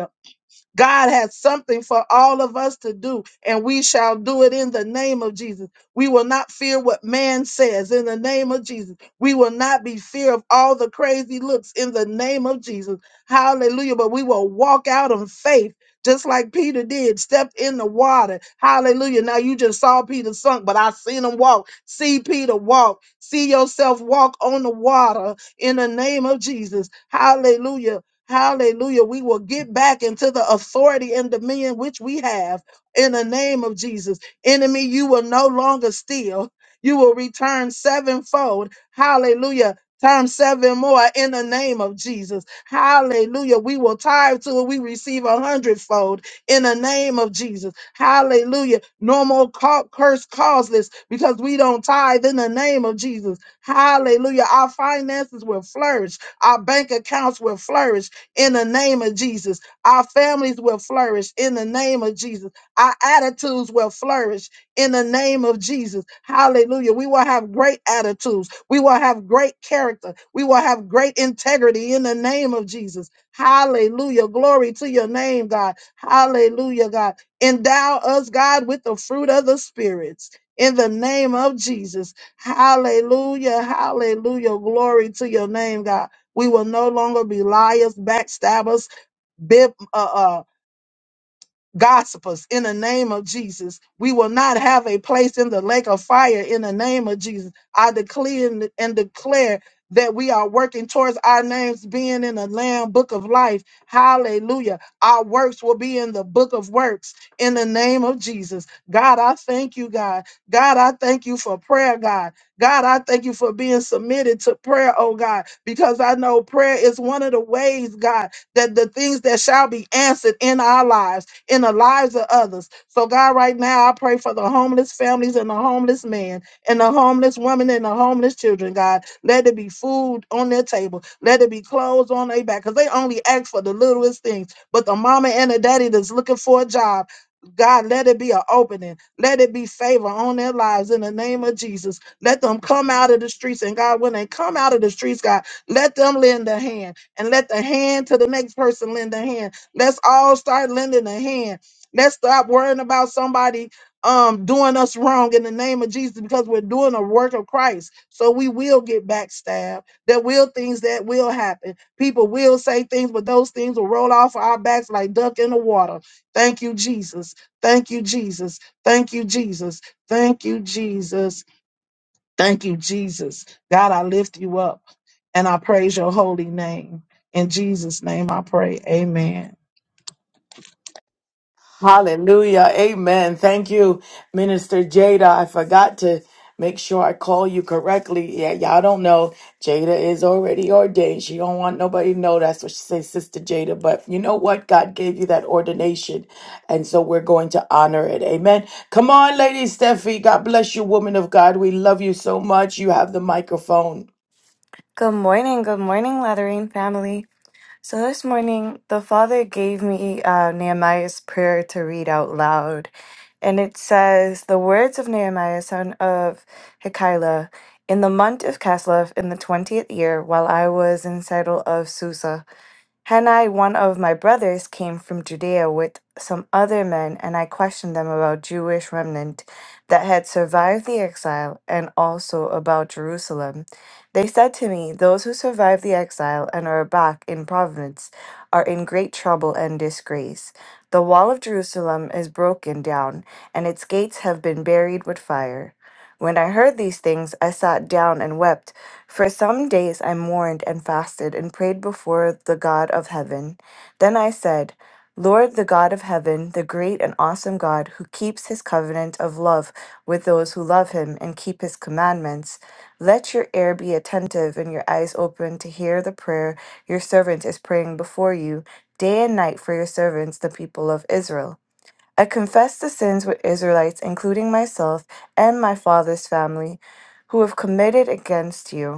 God has something for all of us to do, and we shall do it in the name of Jesus. We will not fear what man says in the name of Jesus. We will not be fear of all the crazy looks in the name of Jesus. Hallelujah. But we will walk out in faith. Just like Peter did, stepped in the water. Hallelujah. Now you just saw Peter sunk, but I seen him walk. See Peter walk. See yourself walk on the water in the name of Jesus. Hallelujah Hallelujah. We will get back into the authority and dominion which we have in the name of Jesus. Enemy, you will no longer steal. You will return sevenfold. Hallelujah. Times seven more in the name of Jesus. Hallelujah. We will tithe to it. We receive a hundredfold in the name of Jesus. Hallelujah. No more ca- curse causeless because we don't tithe in the name of Jesus. Hallelujah. Our finances will flourish. Our bank accounts will flourish in the name of Jesus. Our families will flourish in the name of Jesus. Our attitudes will flourish in the name of Jesus. Hallelujah. We will have great attitudes. We will have great character. We will have great integrity in the name of Jesus. Hallelujah. Glory to your name, God. Hallelujah, God. Endow us, God, with the fruit of the spirits. In the name of Jesus. Hallelujah. Hallelujah. Glory to your name, God. We will no longer be liars, backstabbers, bib, uh, uh, gossipers in the name of Jesus. We will not have a place in the lake of fire in the name of Jesus. I declare and and declare that we are working towards our names being in the Lamb book of life. Hallelujah. Our works will be in the book of works in the name of Jesus. God, I thank you, God. God, I thank you for prayer, God. God, I thank you for being submitted to prayer, oh God, because I know prayer is one of the ways, God, that the things that shall be answered in our lives in the lives of others. So, God, right now, I pray for the homeless families and the homeless man and the homeless woman and the homeless children, God. Let it be food on their table. Let it be clothes on their back because they only ask for the littlest things. But the mama and the daddy that's looking for a job, God, let it be an opening. Let it be favor on their lives in the name of Jesus. Let them come out of the streets. And God, when they come out of the streets, God, let them lend a hand and let the hand to the next person lend a hand Let's all start lending a hand. Let's stop worrying about somebody um doing us wrong in the name of Jesus because we're doing a work of Christ. So we will get backstabbed. There will things that will happen. People will say things, but those things will roll off our backs like duck in the water. Thank you, Jesus. Thank you, Jesus. Thank you, Jesus. Thank you, Jesus. Thank you, Jesus. God, I lift you up and I praise your holy name. In Jesus' name I pray. Amen. Hallelujah. Amen. Thank you, Minister Jada. I forgot to make sure I call you correctly. Yeah, y'all don't know. Jada is already ordained. She don't want nobody to know. That's what she says, Sister Jada. But you know what? God gave you that ordination. And so we're going to honor it. Amen. Come on, Lady Steffi. God bless you, woman of God. We love you so much. You have the microphone. Good morning, good morning, Lattering family. So this morning, the Father gave me uh, Nehemiah's prayer to read out loud. And it says, The words of Nehemiah, son of Hekeliah, in the month of Caslev, in the 20th year, while I was in settle of Susa. Hanai, one of my brothers, came from Judea with some other men, and I questioned them about Jewish remnant that had survived the exile and also about Jerusalem. They said to me, Those who survived the exile and are back in providence are in great trouble and disgrace. The wall of Jerusalem is broken down, and its gates have been buried with fire. When I heard these things, I sat down and wept. For some days I mourned and fasted and prayed before the God of heaven. Then I said, Lord, the God of heaven, the great and awesome God who keeps his covenant of love with those who love him and keep his commandments, let your ear be attentive and your eyes open to hear the prayer your servant is praying before you day and night for your servants, the people of Israel. I confess the sins with Israelites, including myself and my father's family, who have committed against you.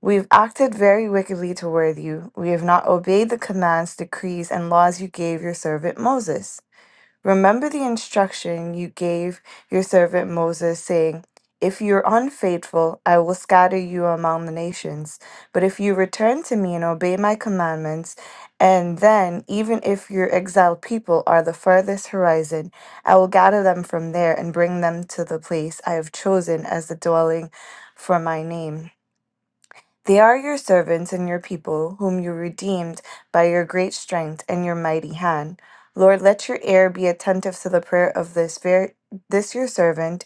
We've acted very wickedly toward you. We have not obeyed the commands, decrees, and laws you gave your servant Moses. Remember the instruction you gave your servant Moses, saying, If you are unfaithful, I will scatter you among the nations. But if you return to me and obey my commandments, and then, even if your exiled people are the furthest horizon, I will gather them from there and bring them to the place I have chosen as the dwelling for my name. They are your servants and your people, whom you redeemed by your great strength and your mighty hand. Lord, let your ear be attentive to the prayer of this, ver- this your servant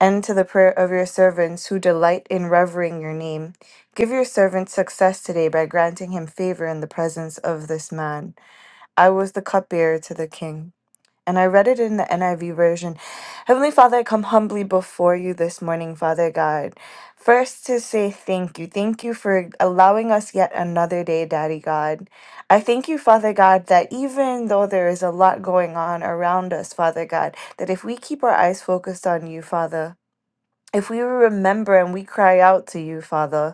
and to the prayer of your servants who delight in revering your name. Give your servant success today by granting him favor in the presence of this man. I was the cupbearer to the king. And I read it in the NIV version. Heavenly Father, I come humbly before you this morning, Father God. First, to say thank you. Thank you for allowing us yet another day, Daddy God. I thank you, Father God, that even though there is a lot going on around us, Father God, that if we keep our eyes focused on you, Father, if we remember and we cry out to you, Father,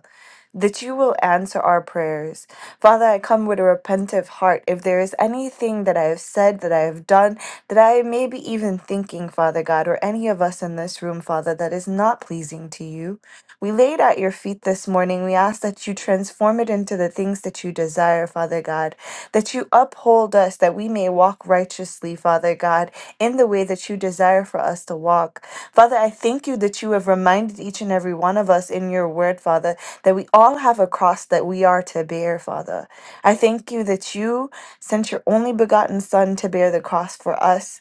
that you will answer our prayers. Father, I come with a repentive heart. If there is anything that I have said, that I have done, that I may be even thinking, Father God, or any of us in this room, Father, that is not pleasing to you, we laid at your feet this morning. We ask that you transform it into the things that you desire, Father God, that you uphold us, that we may walk righteously, Father God, in the way that you desire for us to walk. Father, I thank you that you have reminded each and every one of us in your word, Father, that we all have a cross that we are to bear, Father. I thank you that you sent your only begotten Son to bear the cross for us.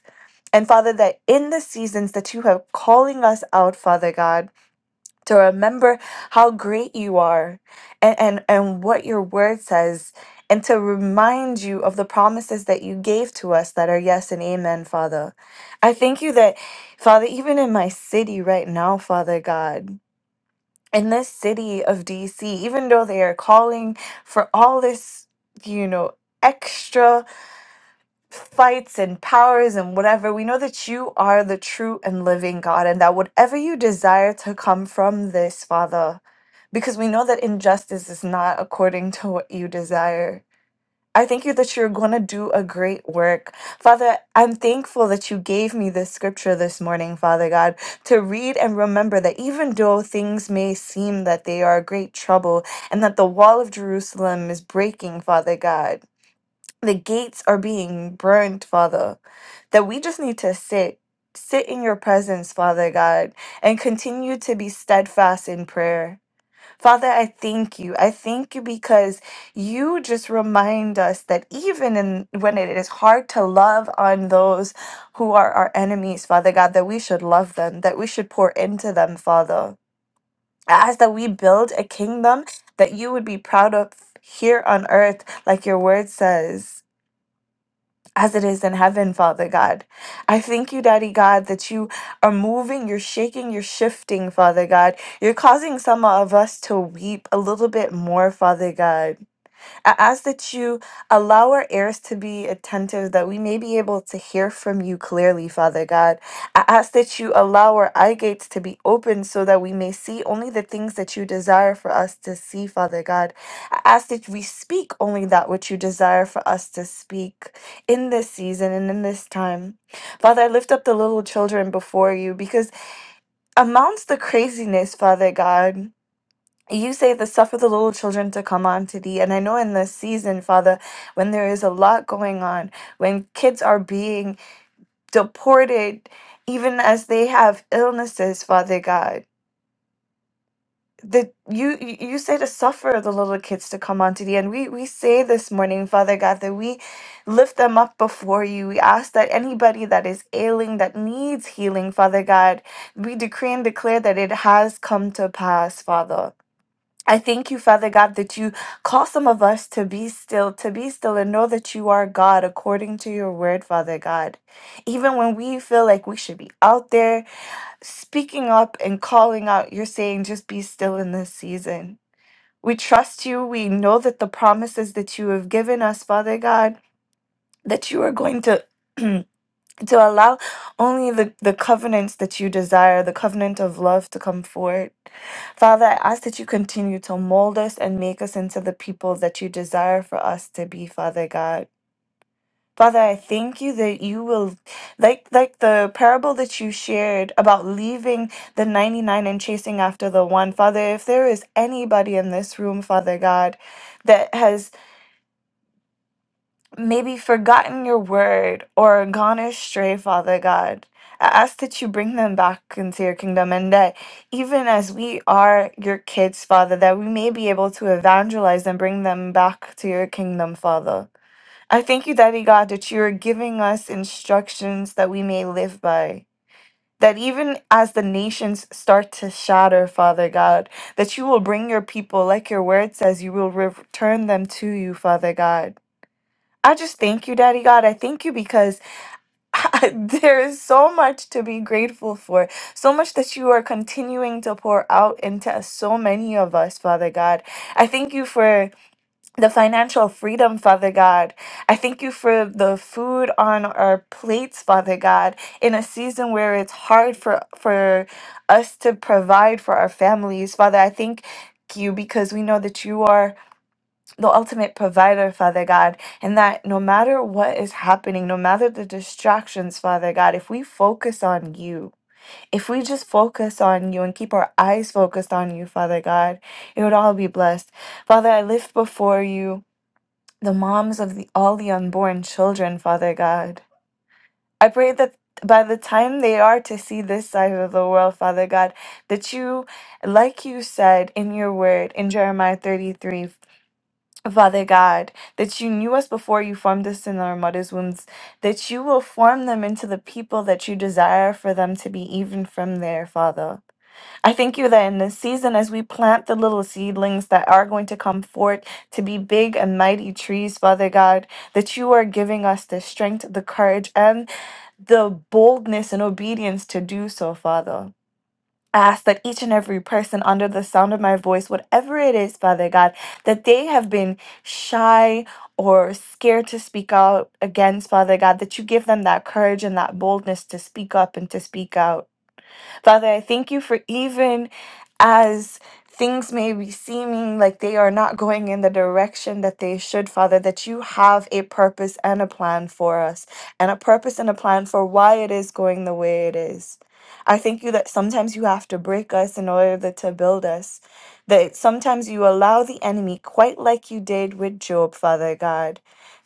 And Father, that in the seasons that you have calling us out, Father God, to remember how great you are and, and, and what your word says, and to remind you of the promises that you gave to us that are yes and amen, Father. I thank you that, Father, even in my city right now, Father God, in this city of DC, even though they are calling for all this, you know, extra fights and powers and whatever. We know that you are the true and living God, and that whatever you desire to come from this, Father, because we know that injustice is not according to what you desire. I thank you that you're going to do a great work. Father, I'm thankful that you gave me this scripture this morning, Father God, to read and remember that even though things may seem that they are great trouble and that the wall of Jerusalem is breaking, Father God, the gates are being burned, Father, that we just need to sit, sit in your presence, Father God, and continue to be steadfast in prayer. Father, I thank you. I thank you because you just remind us that even in, when it is hard to love on those who are our enemies, Father God, that we should love them, that we should pour into them, Father. I ask that we build a kingdom that you would be proud of here on earth, like your word says as it is in heaven, Father God. I thank you, Daddy God, that you are moving, you're shaking, you're shifting, Father God. You're causing some of us to weep a little bit more, Father God. I ask that you allow our ears to be attentive, that we may be able to hear from you clearly, Father God. I ask that you allow our eye gates to be open so that we may see only the things that you desire for us to see, Father God. I ask that we speak only that which you desire for us to speak in this season and in this time. Father, I lift up the little children before you because amongst the craziness, Father God. You say the suffer the little children to come unto thee. And I know in this season, Father, when there is a lot going on, when kids are being deported, even as they have illnesses, Father God. That you you you say to suffer the little kids to come unto thee. And we, we say this morning, Father God, that we lift them up before you. We ask that anybody that is ailing, that needs healing, Father God, we decree and declare that it has come to pass, Father. I thank you, Father God, that you call some of us to be still, to be still, and know that you are God according to your word, Father God. Even when we feel like we should be out there speaking up and calling out, you're saying, just be still in this season. We trust you. We know that the promises that you have given us, Father God, that you are going to. to allow only the, the covenants that you desire, the covenant of love to come forth, Father, I ask that you continue to mold us and make us into the people that you desire for us to be, Father God. Father, I thank you that you will like like the parable that you shared about leaving the 99 and chasing after the one. Father, if there is anybody in this room, Father God, that has maybe forgotten your word or gone astray, Father God. I ask that you bring them back into your kingdom and that even as we are your kids, Father, that we may be able to evangelize and bring them back to your kingdom, Father. I thank you, Daddy God, that you are giving us instructions that we may live by. That even as the nations start to shatter, Father God, that you will bring your people, like your word says, you will return them to you, Father God. I just thank you, Daddy God. I thank you because there is so much to be grateful for, so much that you are continuing to pour out into so many of us, Father God. I thank you for the financial freedom, Father God. I thank you for the food on our plates, Father God, in a season where it's hard for for us to provide for our families, Father. I thank you because we know that you are the ultimate provider, Father God, and that no matter what is happening, no matter the distractions, Father God, if we focus on you, if we just focus on you and keep our eyes focused on you, Father God, it would all be blessed. Father, I lift before you the moms of the, all the unborn children, Father God. I pray that by the time they are to see this side of the world, Father God, that you, like you said in your word in Jeremiah thirty-three. Father God, that you knew us before you formed us in our mother's wombs, that you will form them into the people that you desire for them to be, even from there, Father. I thank you that in this season, as we plant the little seedlings that are going to come forth to be big and mighty trees, Father God, that you are giving us the strength, the courage, and the boldness and obedience to do so, Father ask that each and every person under the sound of my voice, whatever it is, Father God, that they have been shy or scared to speak out against, Father God, that you give them that courage and that boldness to speak up and to speak out. Father, I thank you for even as things may be seeming like they are not going in the direction that they should, Father, that you have a purpose and a plan for us, and a purpose and a plan for why it is going the way it is. I thank you that sometimes you have to break us in order that- to build us. That sometimes you allow the enemy, quite like you did with Job, Father God,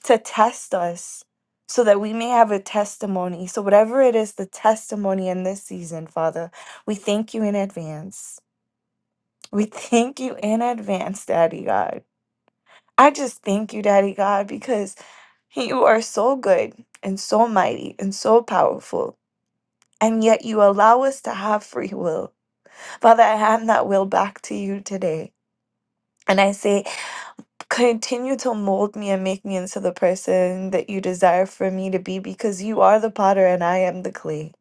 to test us so that we may have a testimony. So, whatever it is, the testimony in this season, Father, we thank you in advance. We thank you in advance, Daddy God. I just thank you, Daddy God, because you are so good and so mighty and so powerful. And yet you allow us to have free will. Father, I hand that will back to you today. And I say, continue to mold me and make me into the person that you desire for me to be because you are the potter and I am the clay.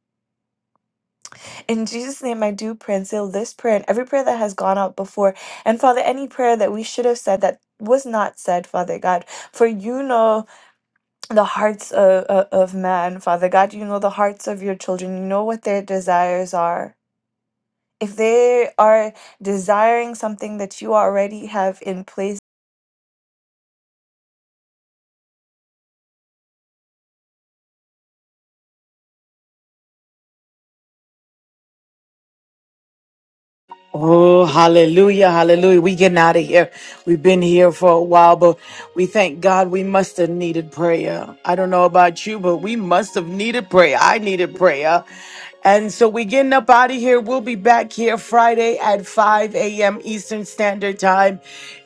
In Jesus' name, I do pray and seal this prayer and every prayer that has gone out before. And Father, any prayer that we should have said that was not said, Father God, for you know the hearts of, of, of man, Father God. You know the hearts of your children. You know what their desires are. If they are desiring something that you already have in place, Oh, hallelujah, hallelujah. We getting out of here. We've been here for a while, but we thank God we must have needed prayer. I don't know about you, but we must have needed prayer. I needed prayer. And so we getting up out of here. We'll be back here Friday at 5 a.m. Eastern Standard Time.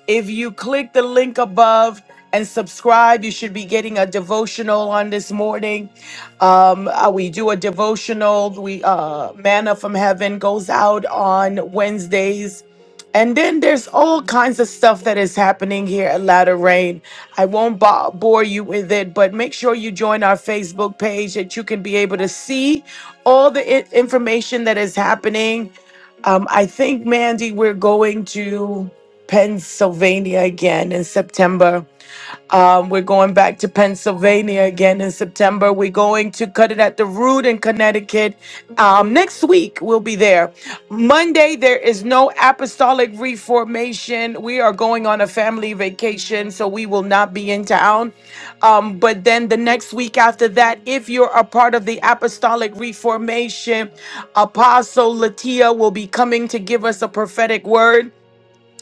If you click the link above, and subscribe. You should be getting a devotional on this morning. Um, uh, we do a devotional. We uh, manna from heaven goes out on Wednesdays. And then there's all kinds of stuff that is happening here at Latter Rain. I won't bo- bore you with it, but make sure you join our Facebook page that you can be able to see all the I- information that is happening. Um, I think, Mandy, we're going to Pennsylvania again in September um, we're going back to Pennsylvania again in September. We're going to cut it at the root in Connecticut. Um, next week, we'll be there. Monday, there is no apostolic reformation. We are going on a family vacation, so we will not be in town. Um, but then the next week after that, if you're a part of the apostolic reformation, Apostle Latia will be coming to give us a prophetic word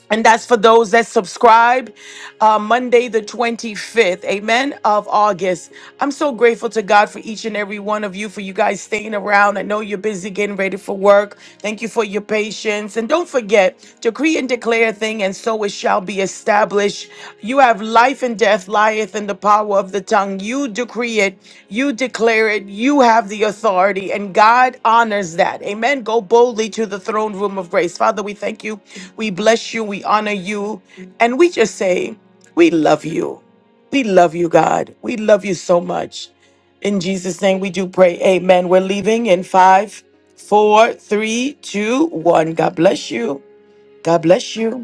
and that's for those that subscribe uh, Monday, the 25th, amen, of August. I'm so grateful to God for each and every one of you, for you guys staying around. I know you're busy getting ready for work. Thank you for your patience. And don't forget, decree and declare a thing, and so it shall be establish. You have life and death lieth in the power of the tongue. You decree it, you declare it, you have the authority, and God honors that. Amen. Go boldly to the throne room of grace. Father, we thank you. We bless you. We honor you. And we just say, we love you. We love you, God. We love you so much. In Jesus' name we do pray. Amen. We're leaving in five, four, three, two, one. God bless you. God bless you.